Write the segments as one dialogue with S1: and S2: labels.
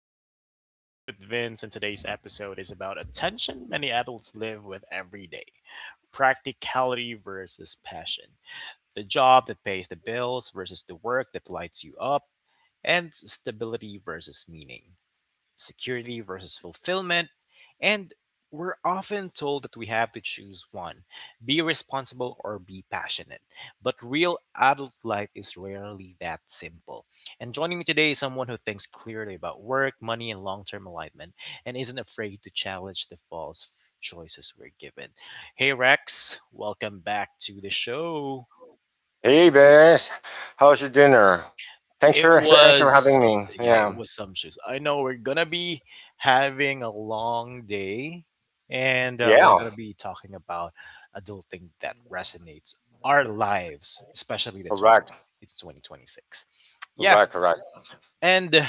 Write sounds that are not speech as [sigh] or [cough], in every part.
S1: to The Art of Adulting with Vince, and today's episode is about a tension many adults live with every day: practicality versus passion, the job that pays the bills versus the work that lights you up, and stability versus meaning, security versus fulfillment, and we're often told that we have to choose one, be responsible or be passionate. But real adult life is rarely that simple. And joining me today is someone who thinks clearly about work, money, and long term alignment and isn't afraid to challenge the false choices we're given. Hey, Rex, welcome back to the show.
S2: Hey, Bess. How's your dinner? Thanks
S1: It
S2: for [laughs] thanks for
S1: was
S2: having
S1: some
S2: me.
S1: yeah, it
S2: Yeah.
S1: was sumptuous. I know we're gonna be having a long day, and we're
S2: Yeah.
S1: gonna be talking about adulting that resonates our lives, especially the 20.
S2: Correct.
S1: It's 2026. Yeah,
S2: Correct. Correct.
S1: and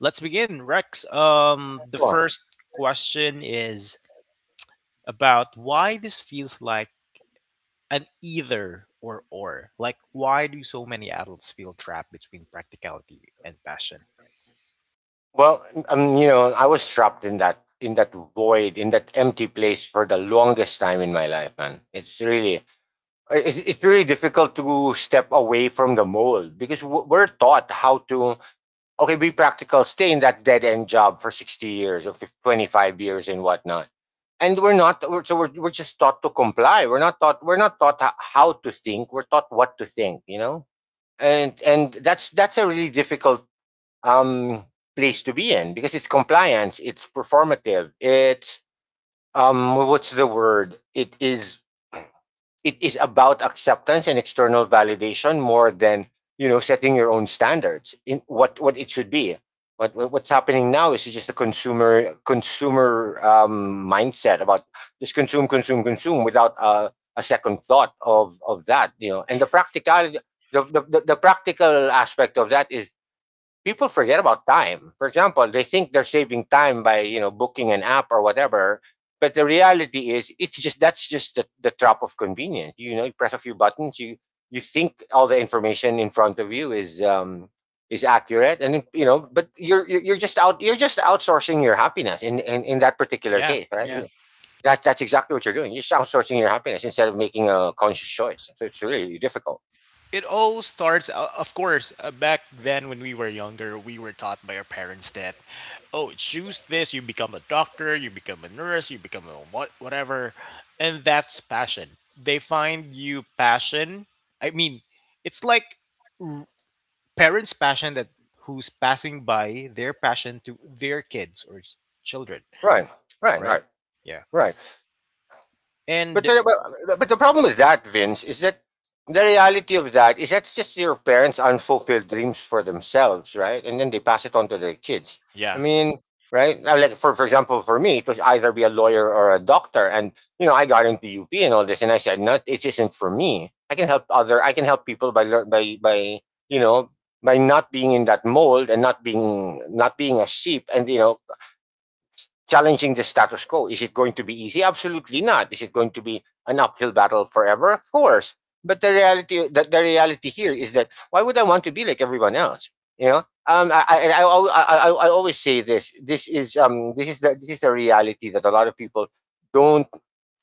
S1: let's begin, Rex. The
S2: Sure.
S1: first question is about why this feels like an either or or. Like, why do so many adults feel trapped between practicality and passion?
S2: You know, I was trapped in that void, in that empty place for the longest time in my life, man. It's really difficult to step away from the mold because we're taught how to, okay, be practical, stay in that dead end job for 60 years or 50, 25 years and whatnot. And we're not, we're, so we're just taught to comply. We're not taught how to think. We're taught what to think, you know? And that's a really difficult, um, place to be in because it's compliance, it's performative, what's the word? It is about acceptance and external validation more than setting your own standards in what it should be. What what's happening now is just a consumer mindset about just consume, consume without a second thought of that. And the practicality, the practical aspect of that is, people forget about time. For example, they think they're saving time by booking an app or whatever, but the reality is it's just that's just the trap of convenience. You know, you press a few buttons, you think all the information in front of you is is accurate, and you know, but you're just outsourcing your happiness in that particular
S1: Yeah,
S2: case, right?
S1: yeah.
S2: That, that's exactly what you're doing. You're just outsourcing your happiness instead of making a conscious choice. So it's really difficult.
S1: It all starts of course back then when we were younger we were taught by our parents that, oh, choose this, you become a doctor, you become a nurse, you become a what whatever, and that's passion. They find you passion. I mean, it's like, r- parents passion that, who's passing by their passion to their kids or children,
S2: Right, right,
S1: right?
S2: right,
S1: Yeah.
S2: right. But
S1: And
S2: the, but but the problem with that, Vince, is that the reality of that is that's just your parents' unfulfilled dreams for themselves, right? And then they pass it on to their kids. I
S1: yeah.
S2: mean, right? Now, like for example, for me, it was either be a lawyer or a doctor, and you know, I got into UP and all this, and I said, no, it isn't for me. I can help people by you know by not being in that mold and not being a sheep, and you know, challenging the status quo. Is it going to be easy? Absolutely not. Is it going to be an uphill battle forever? Of course. But the reality here is that why would I want to be like everyone else? You know, um, I, I, I, I always say this. This is the reality that a lot of people don't,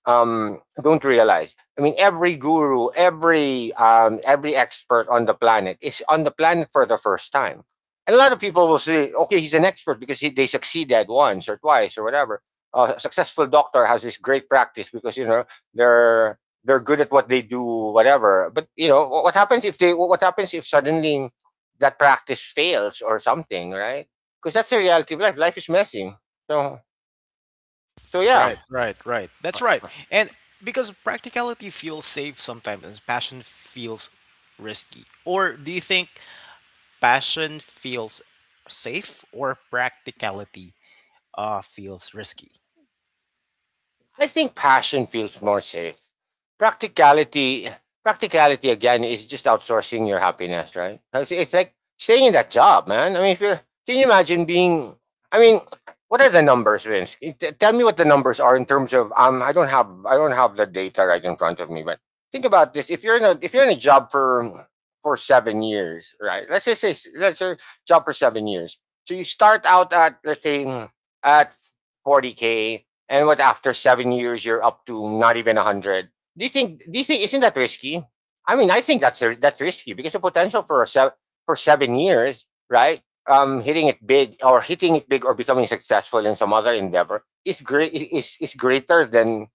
S2: don't realize. I mean, every guru, every expert on the planet is on the planet for the first time. And a lot of people will say, okay, he's an expert because they succeeded once or twice or whatever. A successful doctor has this great practice because you know they're good at what they do, whatever. But you know, what happens if they, what happens if suddenly that practice fails or something, right? Because that's the reality of life. Life is messy. So so
S1: Right,
S2: yeah.
S1: right, right. That's right. And because practicality feels safe sometimes and passion feels risky. Or do you think passion feels safe or practicality feels risky?
S2: I think passion feels more safe. Practicality, practicality again is just outsourcing your happiness, right? It's like staying in that job, man. I mean, if you're, can you imagine being? I mean, what are the numbers, Vince? Tell me what the numbers are in terms of. I don't have the data right in front of me, but think about this. If you're in a job for 7 years, right? Let's just say, let's say job for 7 years. So you start out at, let's say, at 40k, and what, after 7 years, you're up to not even a hundred. Do you think? Do you think isn't that risky? I mean, I think that's risky because the potential for 7 years, right? Hitting it big or becoming successful in some other endeavor is great. Is greater than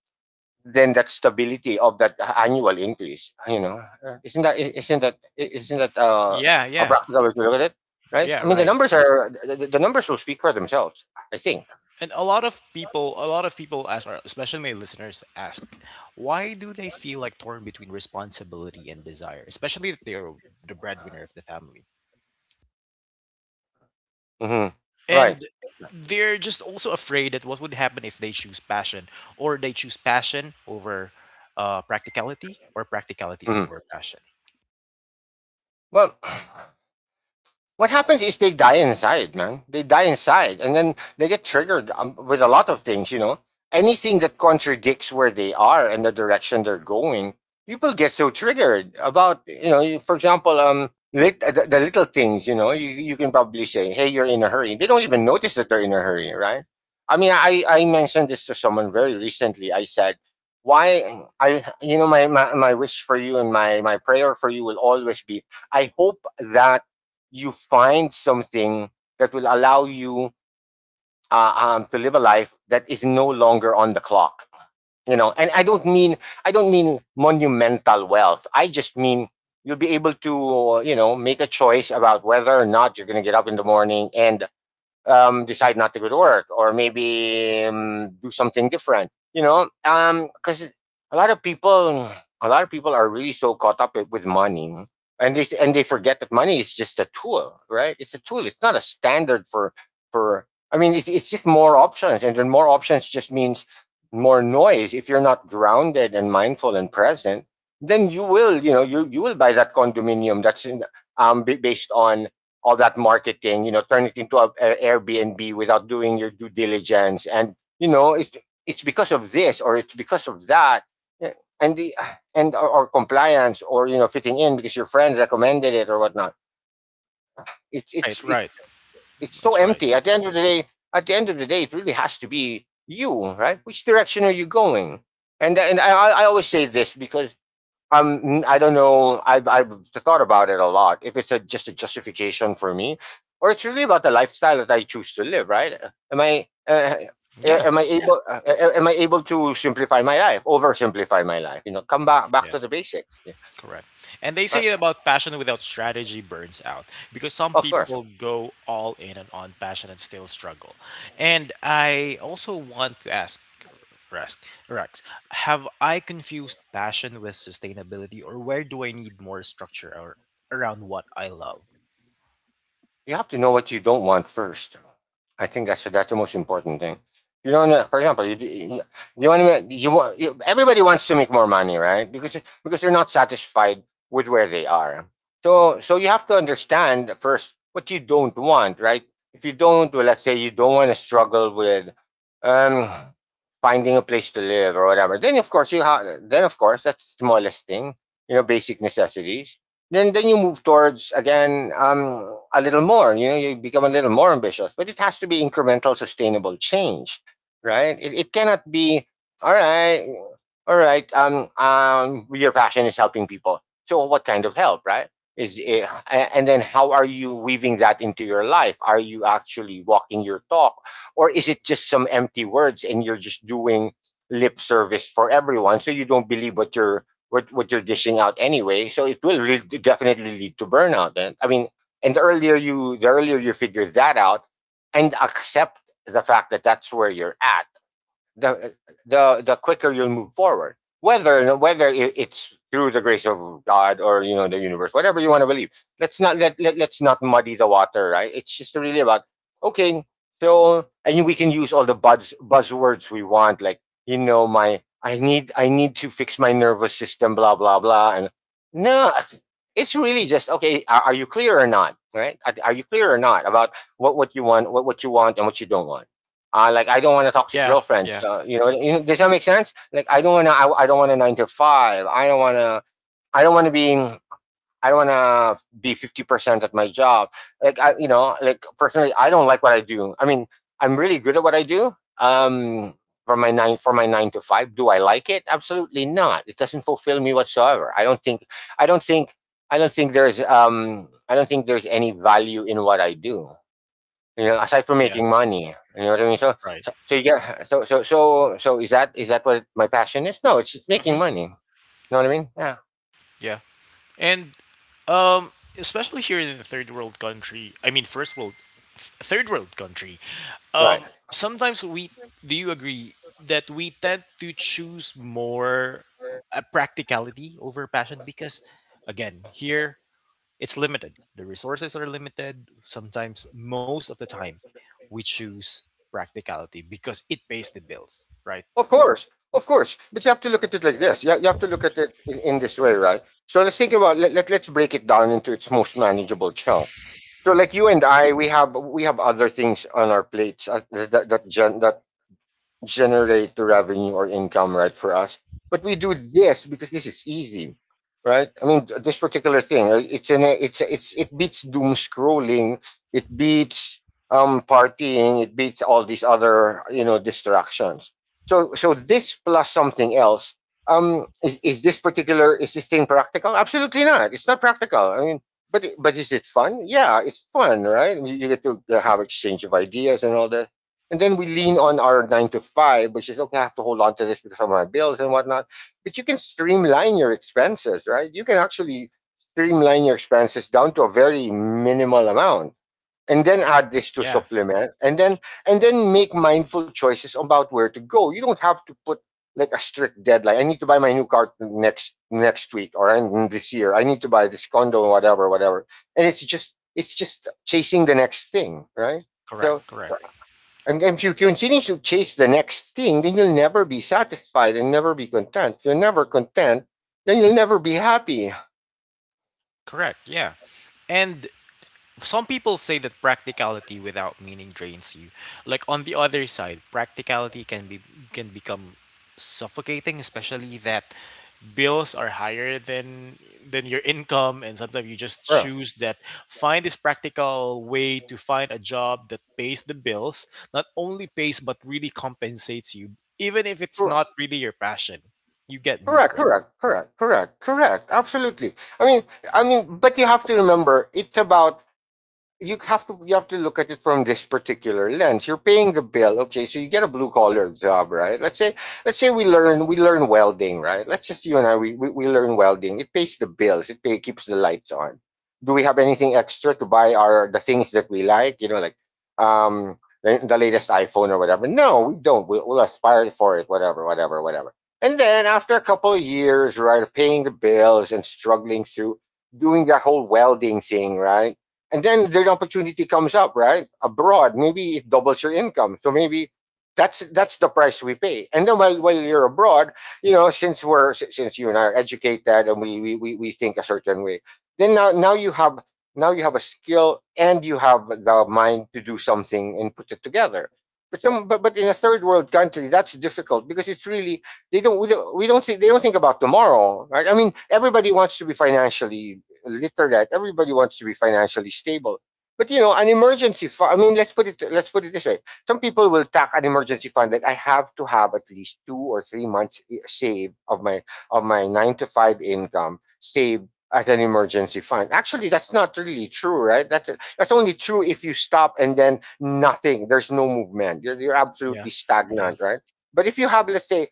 S2: that stability of that annual increase. You know. Isn't that
S1: Yeah,
S2: a
S1: yeah.
S2: practical way to look at it? Right.
S1: Yeah,
S2: I mean, the
S1: right.
S2: numbers are, the numbers will speak for themselves. I think.
S1: And a lot of people, a lot of people ask, or especially my listeners ask, why do they feel like torn between responsibility and desire, especially if they're the breadwinner of the family?
S2: Hmm. Right.
S1: And they're just also afraid that what would happen if they choose passion or they choose passion over practicality or practicality
S2: Mhm.
S1: over passion.
S2: Well, what happens is they die inside, man. They die inside, and then they get triggered with a lot of things. You know, anything that contradicts where they are and the direction they're going, people get so triggered about. You know, for example, the little things. You know, you can probably say, "Hey, you're in a hurry." They don't even notice that they're in a hurry, right? I mean, I mentioned this to someone very recently. I said. Why I, you know, my wish for you and my prayer for you will always be, I hope that you find something that will allow you to live a life that is no longer on the clock, you know. And I don't mean monumental wealth, I just mean you'll be able to, you know, make a choice about whether or not you're going to get up in the morning and, decide not to go to work, or maybe do something different, you know, because a lot of people, a lot of people are really so caught up with money, and they forget that money is just a tool, right? It's a tool. It's not a standard for, I mean, it's just more options. And then more options just means more noise. If you're not grounded and mindful and present, then you will, you know, you will buy that condominium that's in, based on all that marketing, you know, turn it into a, Airbnb without doing your due diligence. And, you know, it's because of this or it's because of that. Yeah. And the, and or compliance, or you know, fitting in because your friend recommended it or whatnot. It's it's
S1: Right,
S2: it,
S1: right.
S2: it's so
S1: That's right.
S2: empty. At the end of the day, at the end of the day, it really has to be you, right? Which direction are you going? And I always say this because, I don't know, I've thought about it a lot, if it's just a justification for me or it's really about the lifestyle that I choose to live, right?
S1: Yeah.
S2: Am I able Am I able to simplify my life oversimplify my life, you know, come back
S1: Yeah.
S2: to the basics, yeah,
S1: Correct. And they
S2: right,
S1: say about passion without strategy burns out because some
S2: of course.
S1: people go all in and on passion and still struggle. And I also want to ask Rex, Rex, have I confused passion with sustainability or where do I need more structure or around what I love?
S2: You have to know what you don't want first. I think that's the most important thing. You don't, know, for example, you want to, everybody wants to make more money, right? Because they're not satisfied with where they are. So so you have to understand first what you don't want, right? If you don't, well, let's say you don't want to struggle with um, finding a place to live or whatever, then of course you have. Then of course that's the smallest thing, you know, basic necessities. Then you move towards again, a little more. You know, you become a little more ambitious, but it has to be incremental, sustainable change. Right, it cannot be, all right all right your passion is helping people, so what kind of help, right? Is it, and then how are you weaving that into your life? Are you actually walking your talk, or is it just some empty words and you're just doing lip service for everyone, so you don't believe what you're dishing out anyway. So it will definitely lead to burnout. And I mean, and the earlier you figure that out and accept the fact that that's where you're at, the the quicker you'll move forward. Whether it's through the grace of God or, you know, the universe, whatever you want to believe. Let's not let's not muddy the water, right? It's just really about, okay. So and we can use all the buzzwords we want, like, you know, my I need to fix my nervous system, blah blah blah, and no, it's really just, okay. Are you clear or not? Right? Are you clear or not about what you want, what you want, and what you don't want? I don't want a toxic
S1: Yeah,
S2: girlfriend.
S1: yeah,
S2: So, you know, does that make sense? Like I don't want to. I don't want a nine to five. I don't want to. I don't want to be. I don't want to be 50% at my job. Like I, like personally, I don't like what I do. I mean, I'm really good at what I do. Um, for my nine to five, do I like it? Absolutely not. It doesn't fulfill me whatsoever. I don't think. I don't think. I don't think there's. I don't think there's any value in what I do, aside from
S1: yeah,
S2: making money. You know what I mean? So,
S1: right.
S2: so, so yeah. So is that what my passion is? No, it's making
S1: Hmm.
S2: money. You know what I mean? Yeah.
S1: Yeah. And um especially here in the third world country, I mean first world, third world country,
S2: Right.
S1: sometimes we, do you agree that we tend to choose more practicality over passion because again here it's limited, the resources are limited sometimes, most of the time we choose practicality because it pays the bills, right?
S2: Of course, of course. But you have to look at it like this. You have to look at it in this way, right? So let's think about let's break it down into its most manageable chunk. So, like you and I, we have other things on our plates that generate the revenue or income, right, for us. But we do this because this is easy, right? I mean, this particular thing, it beats doom scrolling, it beats partying, it beats all these other, you know, distractions. So, so this plus something else, is this thing practical? Absolutely not. It's not practical. I mean, but is it fun? Yeah, it's fun, right? You get to have exchange of ideas and all that, and then we lean on our nine to five, which is okay, I have to hold on to this because of my bills and whatnot. But you can streamline your expenses, right? You can actually streamline your expenses down to a very minimal amount, and then add this to
S1: Yeah,
S2: supplement, and then make mindful choices about where to go. You don't have to put like a strict deadline. I need to buy my new car next week or in this year. I need to buy this condo, whatever, whatever. And it's just chasing the next thing, right?
S1: correct,
S2: So
S1: correct,
S2: so and if you continue to chase the next thing, then you'll never be satisfied and never be content. If you're never content, then you'll never be happy.
S1: correct. Yeah, and some people say that practicality without meaning drains you. Like on the other side, practicality can be, can become suffocating, especially that bills are higher than your income and sometimes you just
S2: Correct.
S1: choose that, find this practical way to find a job that pays the bills, not only pays but really compensates you even if it's not
S2: Correct.
S1: really your passion. You get me?
S2: Correct. Correct. Correct. Correct. Correct. Absolutely. I mean, I mean, but you have to remember, it's about you have to look at it from this particular lens. You're paying the bill, okay? So you get a blue collar job, right? Let's say we learn welding, right? Let's just you and I, we learn welding. It pays the bills. It keeps the lights on. Do we have anything extra to buy our the things that we like? You know, like the latest iPhone or whatever. No, we don't. We'll aspire for it, whatever, whatever, whatever. And then after a couple of years, right, paying the bills and struggling through doing that whole welding thing, right? And then the opportunity comes up, right? Abroad, maybe it doubles your income, so maybe that's the price we pay. And then while you're abroad, you know, since you and I are educated and we think a certain way, then now you have, now you have a skill and you have the mind to do something and put it together. But in a third world country, that's difficult because it's really, they don't we don't we don't think they don't think about tomorrow, right? I mean, everybody wants to be financially literate. Everybody wants to be financially stable. But you know, an emergency fund. I mean, let's put it this way. Some people will tack an emergency fund, that I have to have at least 2 or 3 months save of my nine to five income, saved as an emergency fund. Actually, that's not really true, right? That's only true if you stop and then nothing. There's no movement. You're
S1: Yeah.
S2: absolutely
S1: Yeah.
S2: stagnant, right? But if you have, let's say,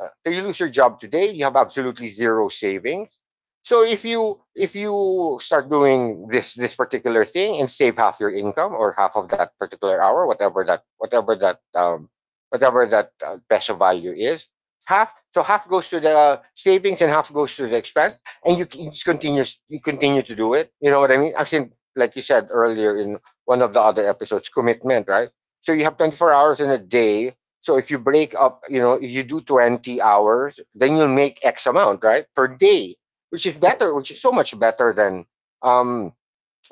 S2: so you lose your job today, you have absolutely zero savings. So if you start doing this particular thing and save half your income, or half of that particular hour, whatever that peso value is, half, so half goes to the savings and half goes to the expense, and you just continue, you continue to do it. You know what I mean? I've seen, like you said earlier in one of the other episodes, commitment, right? So you have 24 hours in a day. So if you break up, you know, if you do 20 hours, then you'll make X amount, right, per day, which is better, which is so much better than um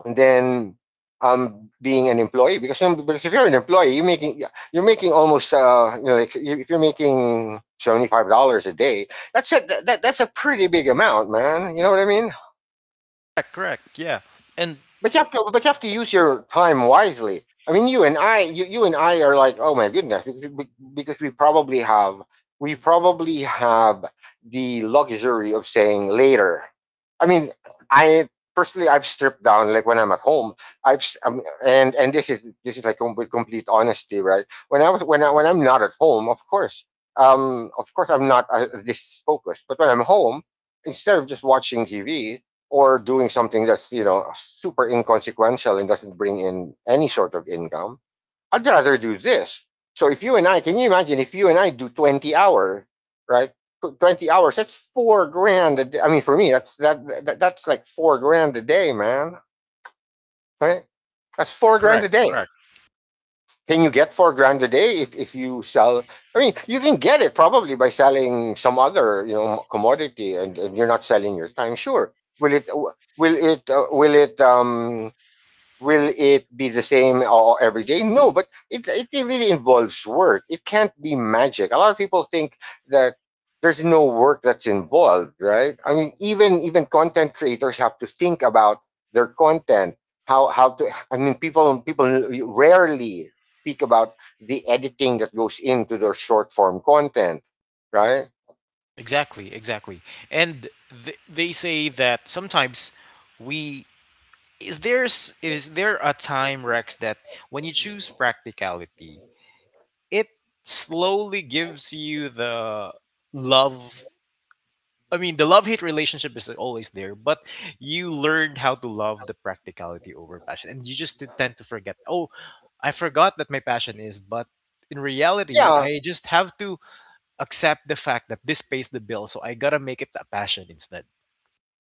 S2: than being an employee, because if you're an employee, you're making almost you know, like, if you're making $75 a day, that's a pretty big amount, man. You know what I mean?
S1: Correct, correct. Yeah. And
S2: But you have to use your time wisely. I mean, you and I, you and I are like, oh my goodness, because probably have, we probably have the luxury of saying later. I mean, I personally, I've stripped down. Like when I'm at home, I've and this is like with complete honesty, right? When I was when I when I'm not at home, of course I'm not this focused. But when I'm home, instead of just watching TV or doing something that's, you know, super inconsequential and doesn't bring in any sort of income, I'd rather do this. So if you and I, can you imagine if you and I do 20 hours, right? 20 hours, that's 4 grand a day. I mean, for me, that's that's like 4 grand a day, man, right? That's 4 grand a
S1: correct,
S2: day.
S1: correct.
S2: Can you get 4 grand a day if you sell? I mean, you can get it, probably by selling some other, you know, commodity, and you're not selling your time. Sure, will it? Will it? Will it? Will it be the same or every day? No, but it really involves work. It can't be magic. A lot of people think that there's no work that's involved, right? I mean, even content creators have to think about their content. How to? I mean, people rarely speak about the editing that goes into their short form content, right?
S1: Exactly, exactly. And they say that sometimes we, is there is there a time, Rex, that when you choose practicality, it slowly gives you the love. I mean, the love-hate relationship is always there, but you learn how to love the practicality over passion, and you just tend to forget. Oh, I forgot that my passion is, but in reality,
S2: Yeah.
S1: I just have to accept the fact that this pays the bill, so I gotta make it a passion instead.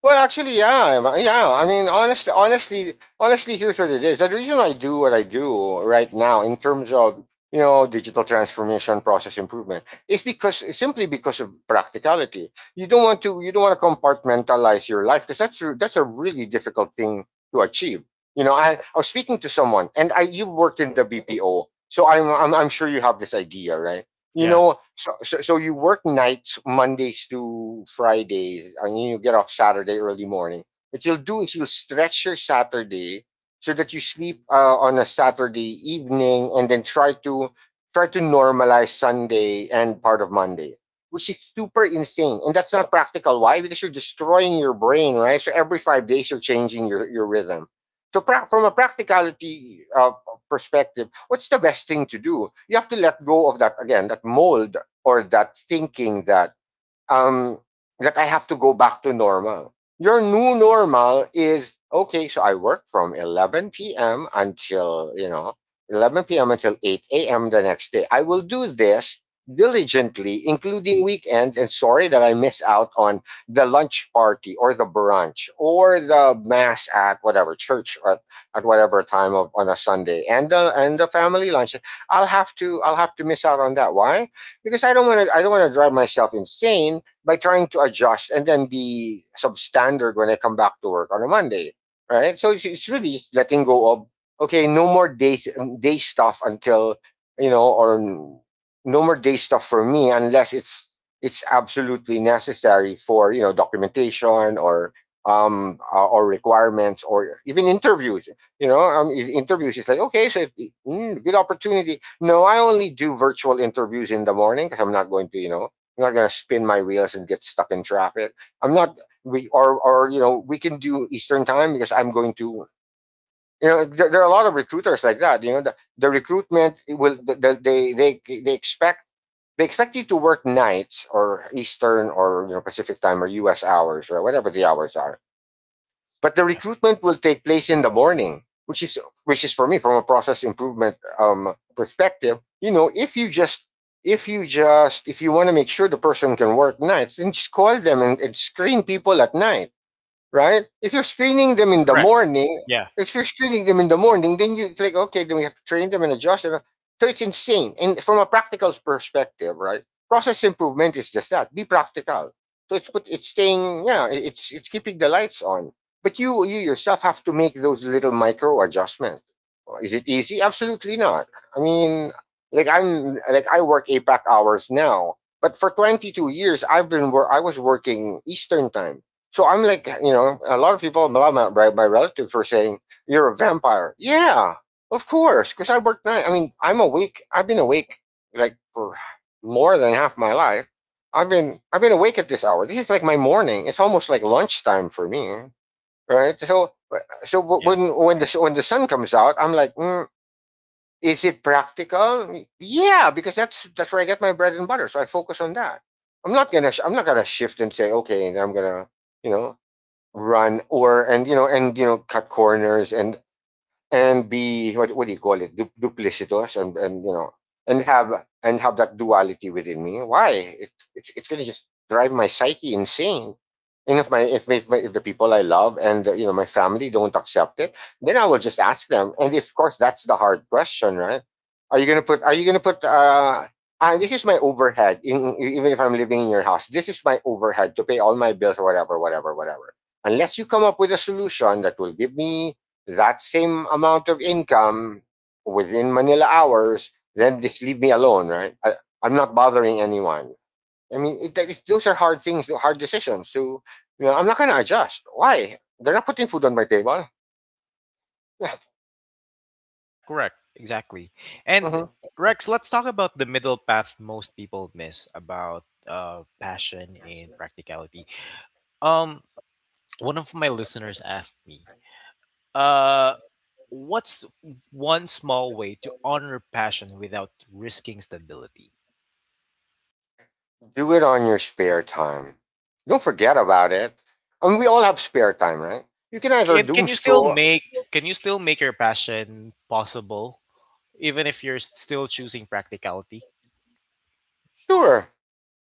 S2: Well, actually, yeah, yeah. I mean, honestly, here's what it is. The reason I do what I do right now in terms of, you know, digital transformation, process improvement, is because, simply because of practicality. You don't want to compartmentalize your life because that's that's a really difficult thing to achieve. You know, I was speaking to someone, and I, you've worked in the BPO, so I'm sure you have this idea, right? You
S1: Yeah,
S2: know, so you work nights Mondays to Fridays, and you get off Saturday early morning. What you'll do is you'll stretch your Saturday so that you sleep on a Saturday evening, and then try to normalize Sunday and part of Monday, which is super insane, and that's not practical. Why? Because you're destroying your brain, right? So every 5 days you're changing your rhythm. So from a practicality perspective, what's the best thing to do? You have to let go of that, again, that mold or that thinking that um, that I have to go back to normal. Your new normal is okay. So I work from 11 p.m. until, you know, 11 p.m. until 8 a.m. the next day. I will do this diligently, including weekends. And sorry that I miss out on the lunch party or the brunch or the mass at whatever church or at whatever time of on a Sunday, and the family lunch. I'll have to miss out on that. Why? Because I don't want to drive myself insane by trying to adjust and then be substandard when I come back to work on a Monday, right? So it's really just letting go of, okay, no more day stuff until, you know, or no more day stuff for me unless it's absolutely necessary for, you know, documentation or requirements or even interviews. You know, interviews. It's like, okay, so it, mm, good opportunity. No, I only do virtual interviews in the morning because I'm not going to I'm not gonna spin my wheels and get stuck in traffic. I'm not we or you know We can do Eastern time because I'm going to there are a lot of recruiters like that. You know the recruitment will they expect you to work nights or Eastern or Pacific time or U.S. hours or whatever the hours are. But the
S1: yeah.
S2: recruitment will take place in the morning, which is for me from a process improvement perspective. You know, if you just if you want to make sure the person can work nights, then just call them and screen people at night, right? If you're screening them in the
S1: Correct.
S2: morning,
S1: Yeah,
S2: If you're screening them in the morning, then you click, okay, then we have to train them and adjust them. So it's insane. And from a practical perspective, right? Process improvement is just that. Be practical. So it's put it's staying, yeah, it's keeping the lights on. But you yourself have to make those little micro adjustments. Is it easy? Absolutely not. I mean, I work APAC hours now, but for 22 years I've been where I was working Eastern time, so I'm like, you know, a lot of people, a lot of my relatives were saying, "You're a vampire." Yeah, of course, because I work night. I mean, I'm awake. I've been awake like for more than half my life. I've been awake at this hour. This is like my morning. It's almost like lunchtime for me, right? So
S1: correct.
S2: so
S1: Yeah.
S2: when when the when the sun comes out, I'm like, mm, is it practical? Yeah, because that's where I get my bread and butter. So I focus on that. I'm not gonna shift and say, okay, and I'm gonna you know run, or and you know cut corners and be, what do you call it, duplicitous, and have and have that duality within me. Why? It's going to just drive my psyche insane. And if if the people I love and you know, my family don't accept it, then I will just ask them. And of course that's the hard question, right? Are you going to put, and this is my overhead, even if I'm living in your house, this is my overhead to pay all my bills or whatever, whatever, whatever, unless you come up with a solution that will give me that same amount of income within Manila hours, then just leave me alone, right? I'm not bothering anyone. I mean, those are hard things, hard decisions. So, you know, I'm not going to adjust. Why? They're not putting food on my table. [laughs] Yeah,
S1: Correct, correct. Exactly. And
S2: mhm.
S1: Rex, let's talk about the middle path most people miss about passion and practicality. Um one of my listeners asked me, uh what's one small way to honor passion without risking stability?
S2: Do it on your spare time. Don't forget about it. I mean, we all have spare time, right? You can either
S1: Can
S2: doom
S1: can you still
S2: scroll.
S1: make, can you still make your passion possible even if you're still choosing practicality?
S2: Sure.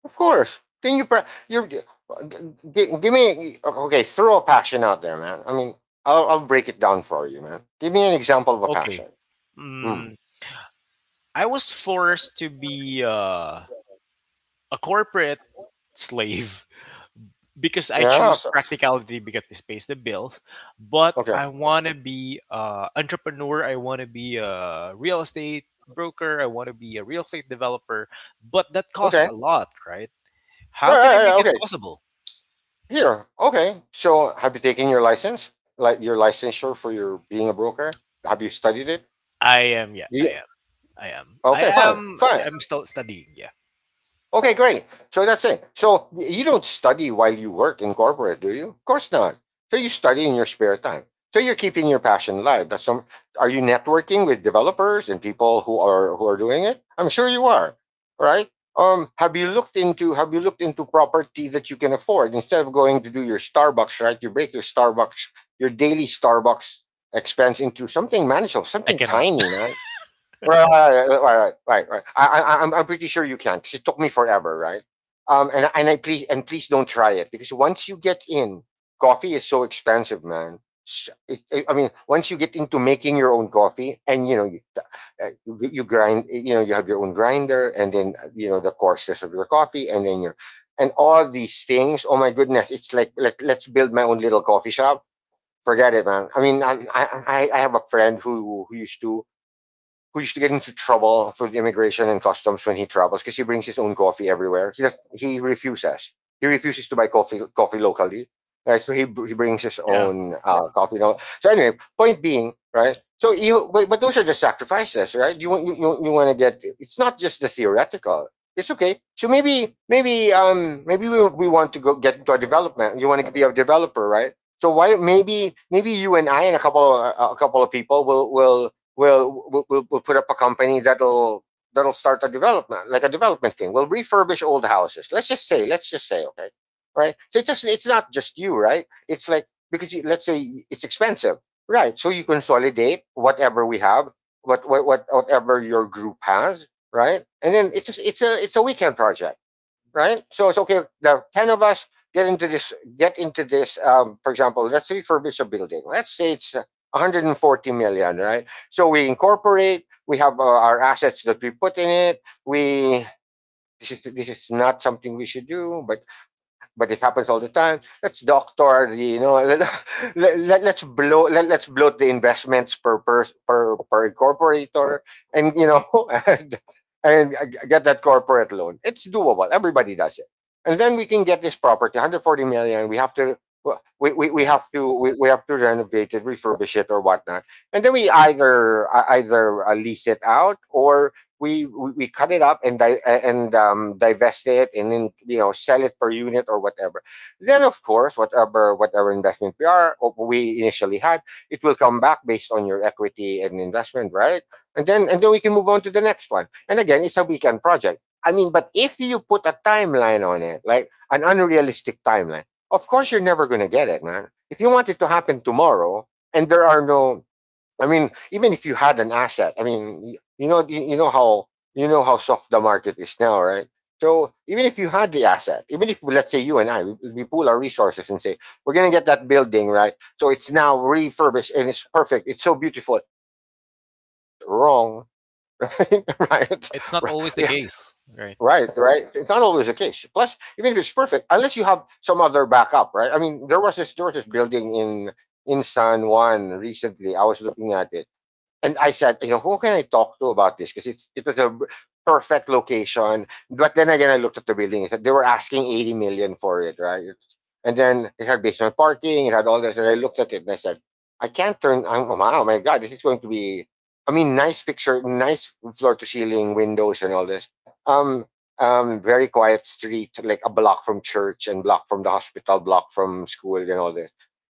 S2: Of course. Then you, pra- you're, g- g- Give me, okay, throw a passion out there, man. I mean, I'll break it down for you, man. Give me an example of a passion.
S1: Okay.
S2: Hmm.
S1: I was forced to be a corporate slave [laughs] because I
S2: Yeah,
S1: choose
S2: so,
S1: practicality because it pays the bills. But
S2: okay.
S1: I want to be an entrepreneur. I want to be a real estate broker. I want to be a real estate developer. But that costs
S2: Okay.
S1: a lot, right?
S2: Right,
S1: How can I
S2: right,
S1: make
S2: right,
S1: it
S2: okay.
S1: possible?
S2: Here. Okay. So, have you taken your license? Like your licensure for your being a broker? Have you studied it?
S1: I am. Yeah, I
S2: Yeah.
S1: am. I am. I
S2: Okay, fine.
S1: am.
S2: Fine.
S1: I'm still studying. Yeah,
S2: Okay, great. So that's it. So you don't study while you work in corporate, do you? Of course not. So you study in your spare time. So you're keeping your passion alive. That's some. Are you networking with developers and people who are doing it? I'm sure you are, right? Have you looked into have you looked into property that you can afford instead of going to do your Starbucks? Right, you break your Starbucks, your daily Starbucks expense into something manageable,
S1: I
S2: something
S1: cannot.
S2: tiny,
S1: [laughs]
S2: man. Right, right, right, right, right, right, right, right. I'm pretty sure you can, because it took me forever, right? And I please and please don't try it, because once you get in, coffee is so expensive, man. I mean, once you get into making your own coffee, and you know you you grind, you know you have your own grinder, and then you know the coarseness of your coffee, and then your and all these things. Oh my goodness, it's like let's build my own little coffee shop. Forget it, man. I mean, I I have a friend who used to get into trouble for the immigration and customs when he travels because he brings his own coffee everywhere. He refuses. He refuses to buy coffee coffee locally. Right, so he brings his
S1: Yeah,
S2: own coffee. So anyway, point being, right? But those are just sacrifices, right? You want you want to get. It's not just the theoretical. It's okay. So maybe we want to go get into a development. You want to be a developer, right? So why maybe you and I and a couple of people will we'll put up a company that'll that'll start a development, like a development thing. We'll refurbish old houses. Let's just say, okay, right? So it doesn't. It's not just you, right? It's like because you, let's say it's expensive, right? So you consolidate whatever we have, whatever your group has, right? And then it's a weekend project, right? So it's okay. The ten of us get into this. Get into this. For example, let's refurbish a building. Let's say it's 140 million, right? So we incorporate. We have our assets that we put in it. This is not something we should do, but it happens all the time. Let's doctor the, you know, let's let's bloat the investments per incorporator and, you know, [laughs] and, and get that corporate loan. It's doable. Everybody does it, and then we can get this property, 140 million. We have to we
S1: yeah,
S2: have to we have to renovate it, refurbish it, or whatnot, and then we either either lease it out or we cut it up and divest it and then, you know, sell it per unit or whatever. Then, of course, whatever whatever investment we initially had, it will come back based on your equity and investment, right? And then we can move on to the next one. And again, it's a weekend project. I mean, but if you put a timeline on it, like an unrealistic timeline, of course you're never going to get it, man. If you want it to happen tomorrow and there are no, I mean, even if you had an asset, I mean, you know, you know how soft the market is now, right? So even if you had the asset, even if let's say you and I, we pool our resources and say we're gonna get that building, right? So it's now
S1: yeah,
S2: refurbished and it's perfect. It's so beautiful. Now let's sell it. Oops, wrong. [laughs]
S1: yeah.
S2: Right?
S1: It's not always the
S2: Yeah,
S1: case, right?
S2: right, right. It's not always the case. Plus, even if it's perfect, unless you have some other backup, right? I mean, there was this building in San Juan recently. I was looking at it and I said, you know, who can I talk to about this? Because it was a perfect location. But then again, I looked at the building. They were asking 80 million for it, right? And then it had basement parking. It had all this. And I looked at it and I said, I can't turn. Oh, wow, my God, this is going to be. I mean, nice picture, nice floor to ceiling windows and all this. Um, very quiet street, like a block from church and block from the hospital, block from school and all this,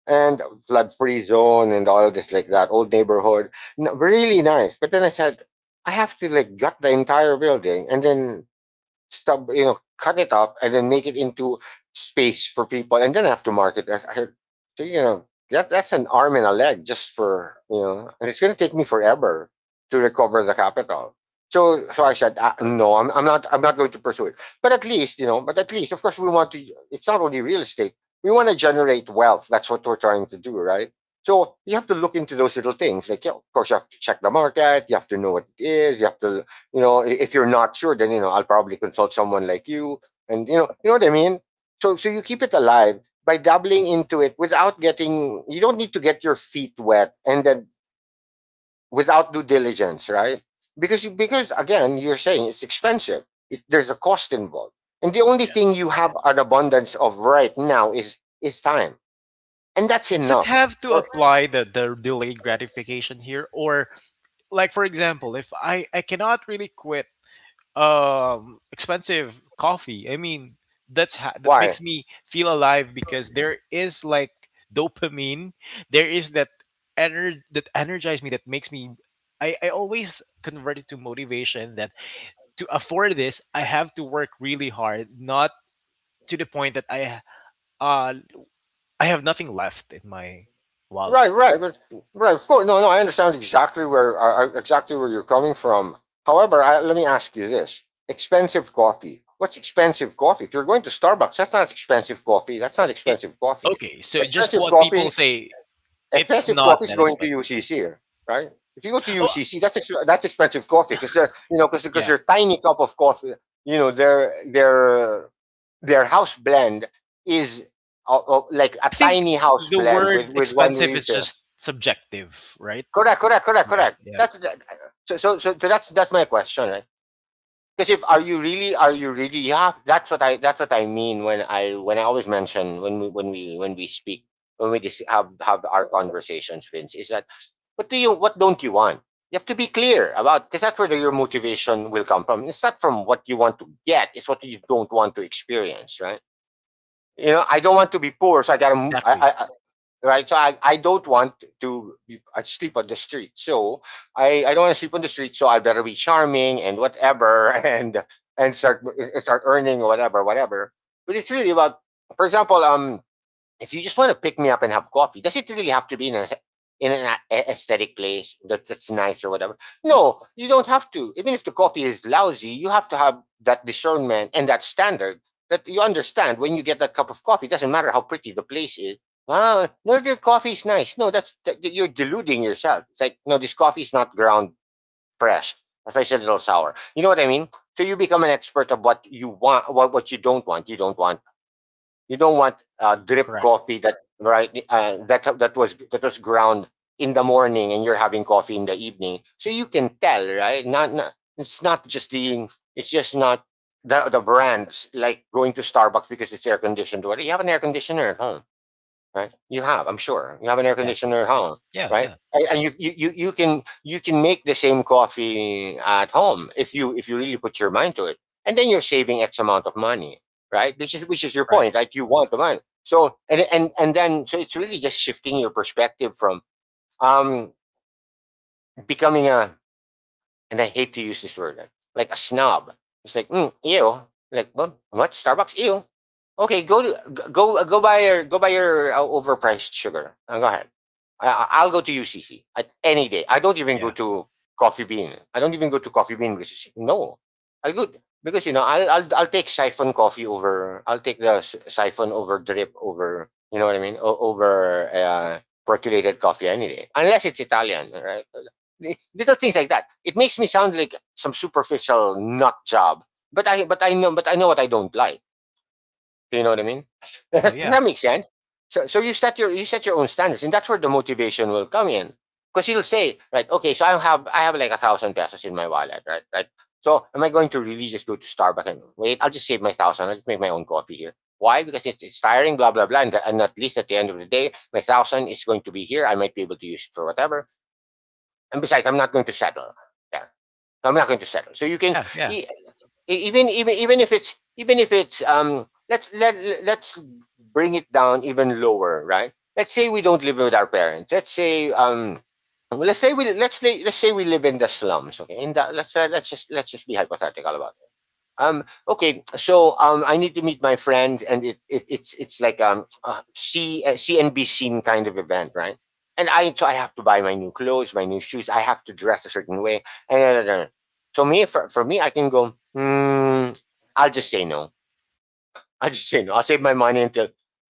S2: and flood free zone and all this, like that old neighborhood, really nice. But then I said, I have to like gut the entire building and then sub you know, cut it up and then make it into space for people and then have to market it. So you know that that's an arm and a leg, just for and it's going to take me forever to recover the capital. So I
S1: Correct.
S2: said, no, I'm not going to pursue it. But at least, but at least of course, we want to, it's not only real estate, we want to generate wealth. That's what we're trying to do, right? So you have to look into those little things. Like, yeah, of course you have to check the market, you have to know what it is, you have to, if you're not sure, then I'll probably consult someone like you, and you know what I mean. So you keep it alive by dabbling into it without getting— you don't need to get your feet wet, and then without due diligence, right? Because you, because again, you're saying it's expensive. It, there's a cost involved, and the only thing
S1: Yes.
S2: you have an abundance of right now is time, and that's
S1: Does it
S2: enough.
S1: have to
S2: Or,
S1: apply the delayed gratification here? Or like for example, if I, I cannot really quit expensive coffee, I mean that's that
S2: why?
S1: makes me feel alive because there is like dopamine, there is that that energize me that makes me, I always convert it to motivation that to afford this I have to work really hard, not to the point that uh I have nothing left in my wallet.
S2: Right, right, but, right. Of course, no, no. I understand exactly where you're coming from. However, I, let me ask you this: expensive coffee. What's expensive coffee? If you're going to Starbucks, that's not expensive coffee. That's not
S1: It,
S2: expensive coffee.
S1: okay, so just
S2: Expensive
S1: what people
S2: coffee.
S1: say, it's
S2: Expensive
S1: not
S2: coffee is
S1: that
S2: going to
S1: expensive.
S2: UCC, right? If you go to
S1: Oh,
S2: UCC, that's expensive coffee because because
S1: yeah.
S2: their tiny cup of coffee, you know, their their house blend is like
S1: I
S2: a
S1: think
S2: tiny house
S1: the
S2: blend with
S1: word
S2: one
S1: expensive
S2: leaf.
S1: is just subjective, right?
S2: Correct, correct, correct,
S1: Yeah,
S2: correct.
S1: yeah.
S2: That's that, so that's my question, right? Because if are you really, are you really, yeah, that's what I, that's what I mean, when I, when I always mention, when we, when we, when we speak, when we just have our conversations, Vince, is that, what do you, what don't you want? You have to be clear about, because that's where your motivation will come from. It's not from what you want to get; it's what you don't want to experience, right? You know, I don't want to be poor, so I gotta, I
S1: Exactly.
S2: I, right? So I don't want to be, I sleep on the street. So I don't want to sleep on the street. So I better be charming and whatever [laughs] and start start earning whatever whatever. But it's really about, for example, if you just want to pick me up and have coffee, does it really have to be in an, in an aesthetic place that, that's nice or whatever? No, you don't have to. Even if the coffee is lousy, you have to have that discernment and that standard, that you understand when you get that cup of coffee. It doesn't matter how pretty the place is. Wow, no, their coffee is nice. No, that's that, you're deluding yourself. It's like, no, this coffee is not ground fresh. That's why it's a little sour. You know what I mean? So you become an expert of what you want, what you don't want. You don't want drip
S1: Correct.
S2: coffee that, right, that was, that was ground in the morning, and you're having coffee in the evening, so you can tell, right? Not, not, it's not just the, it's just not the, the brands, like going to Starbucks because it's air conditioned. What, do you have an air conditioner, huh? Right? You have, I'm sure. You have an air
S1: Exactly.
S2: conditioner at home,
S1: Yeah,
S2: right?
S1: yeah.
S2: And, you can, you can make the same coffee at home, if you, if you really put your mind to it, and then you're saving X amount of money, right? Which is, which is your
S1: Right.
S2: point, like you want the money. So and then, so it's really just shifting your perspective from, um becoming a, and I hate to use this word, eh, like a snob. It's like, mm, ew. Like, well, what? Starbucks? Ew. Okay, go to, go buy your, go buy your overpriced sugar. Go ahead. Will go to UCC at any day. I don't even go
S1: Yeah.
S2: to Coffee Bean. I don't even go to Coffee Bean no, I'll go because you know, I'll take siphon coffee over. I'll take the siphon over drip over. You know what I mean? Over percolated coffee any day, unless it's Italian, right? Little things like that. It makes me sound like some superficial nut job. But I know what I don't like. Do you know what I mean? [laughs]
S1: Yeah,
S2: Does
S1: yeah.
S2: that makes sense. So you set you set your own standards, and that's where the motivation will come in. Because you'll say, right, okay, so I have like 1,000 pesos in my wallet, right? Right. So am I going to really just go to Starbucks and wait? I'll just save my thousand. I'll just make my own coffee here. Why? Because it's tiring, blah blah blah. And at least at the end of the day, my thousand is going to be here. I might be able to use it for whatever. And besides, I'm not going to settle. Yeah. I'm not going to settle. So you can,
S1: Yeah, yeah.
S2: e- even if it's, even if it's, let's let, let's bring it down even lower, right? Let's say we don't live with our parents. Let's say, let's say we, let's say we live in the slums, okay? In the, let's just, let's just be hypothetical about it. Okay, so, I need to meet my friends, and it it's like c CNBC kind of event, right? And I, so I have to buy my new clothes, my new shoes, I have to dress a certain way, and uh, uh, uh. so me, for me I can go, hmm, I'll just say no. I just, you know, I'll save my money until,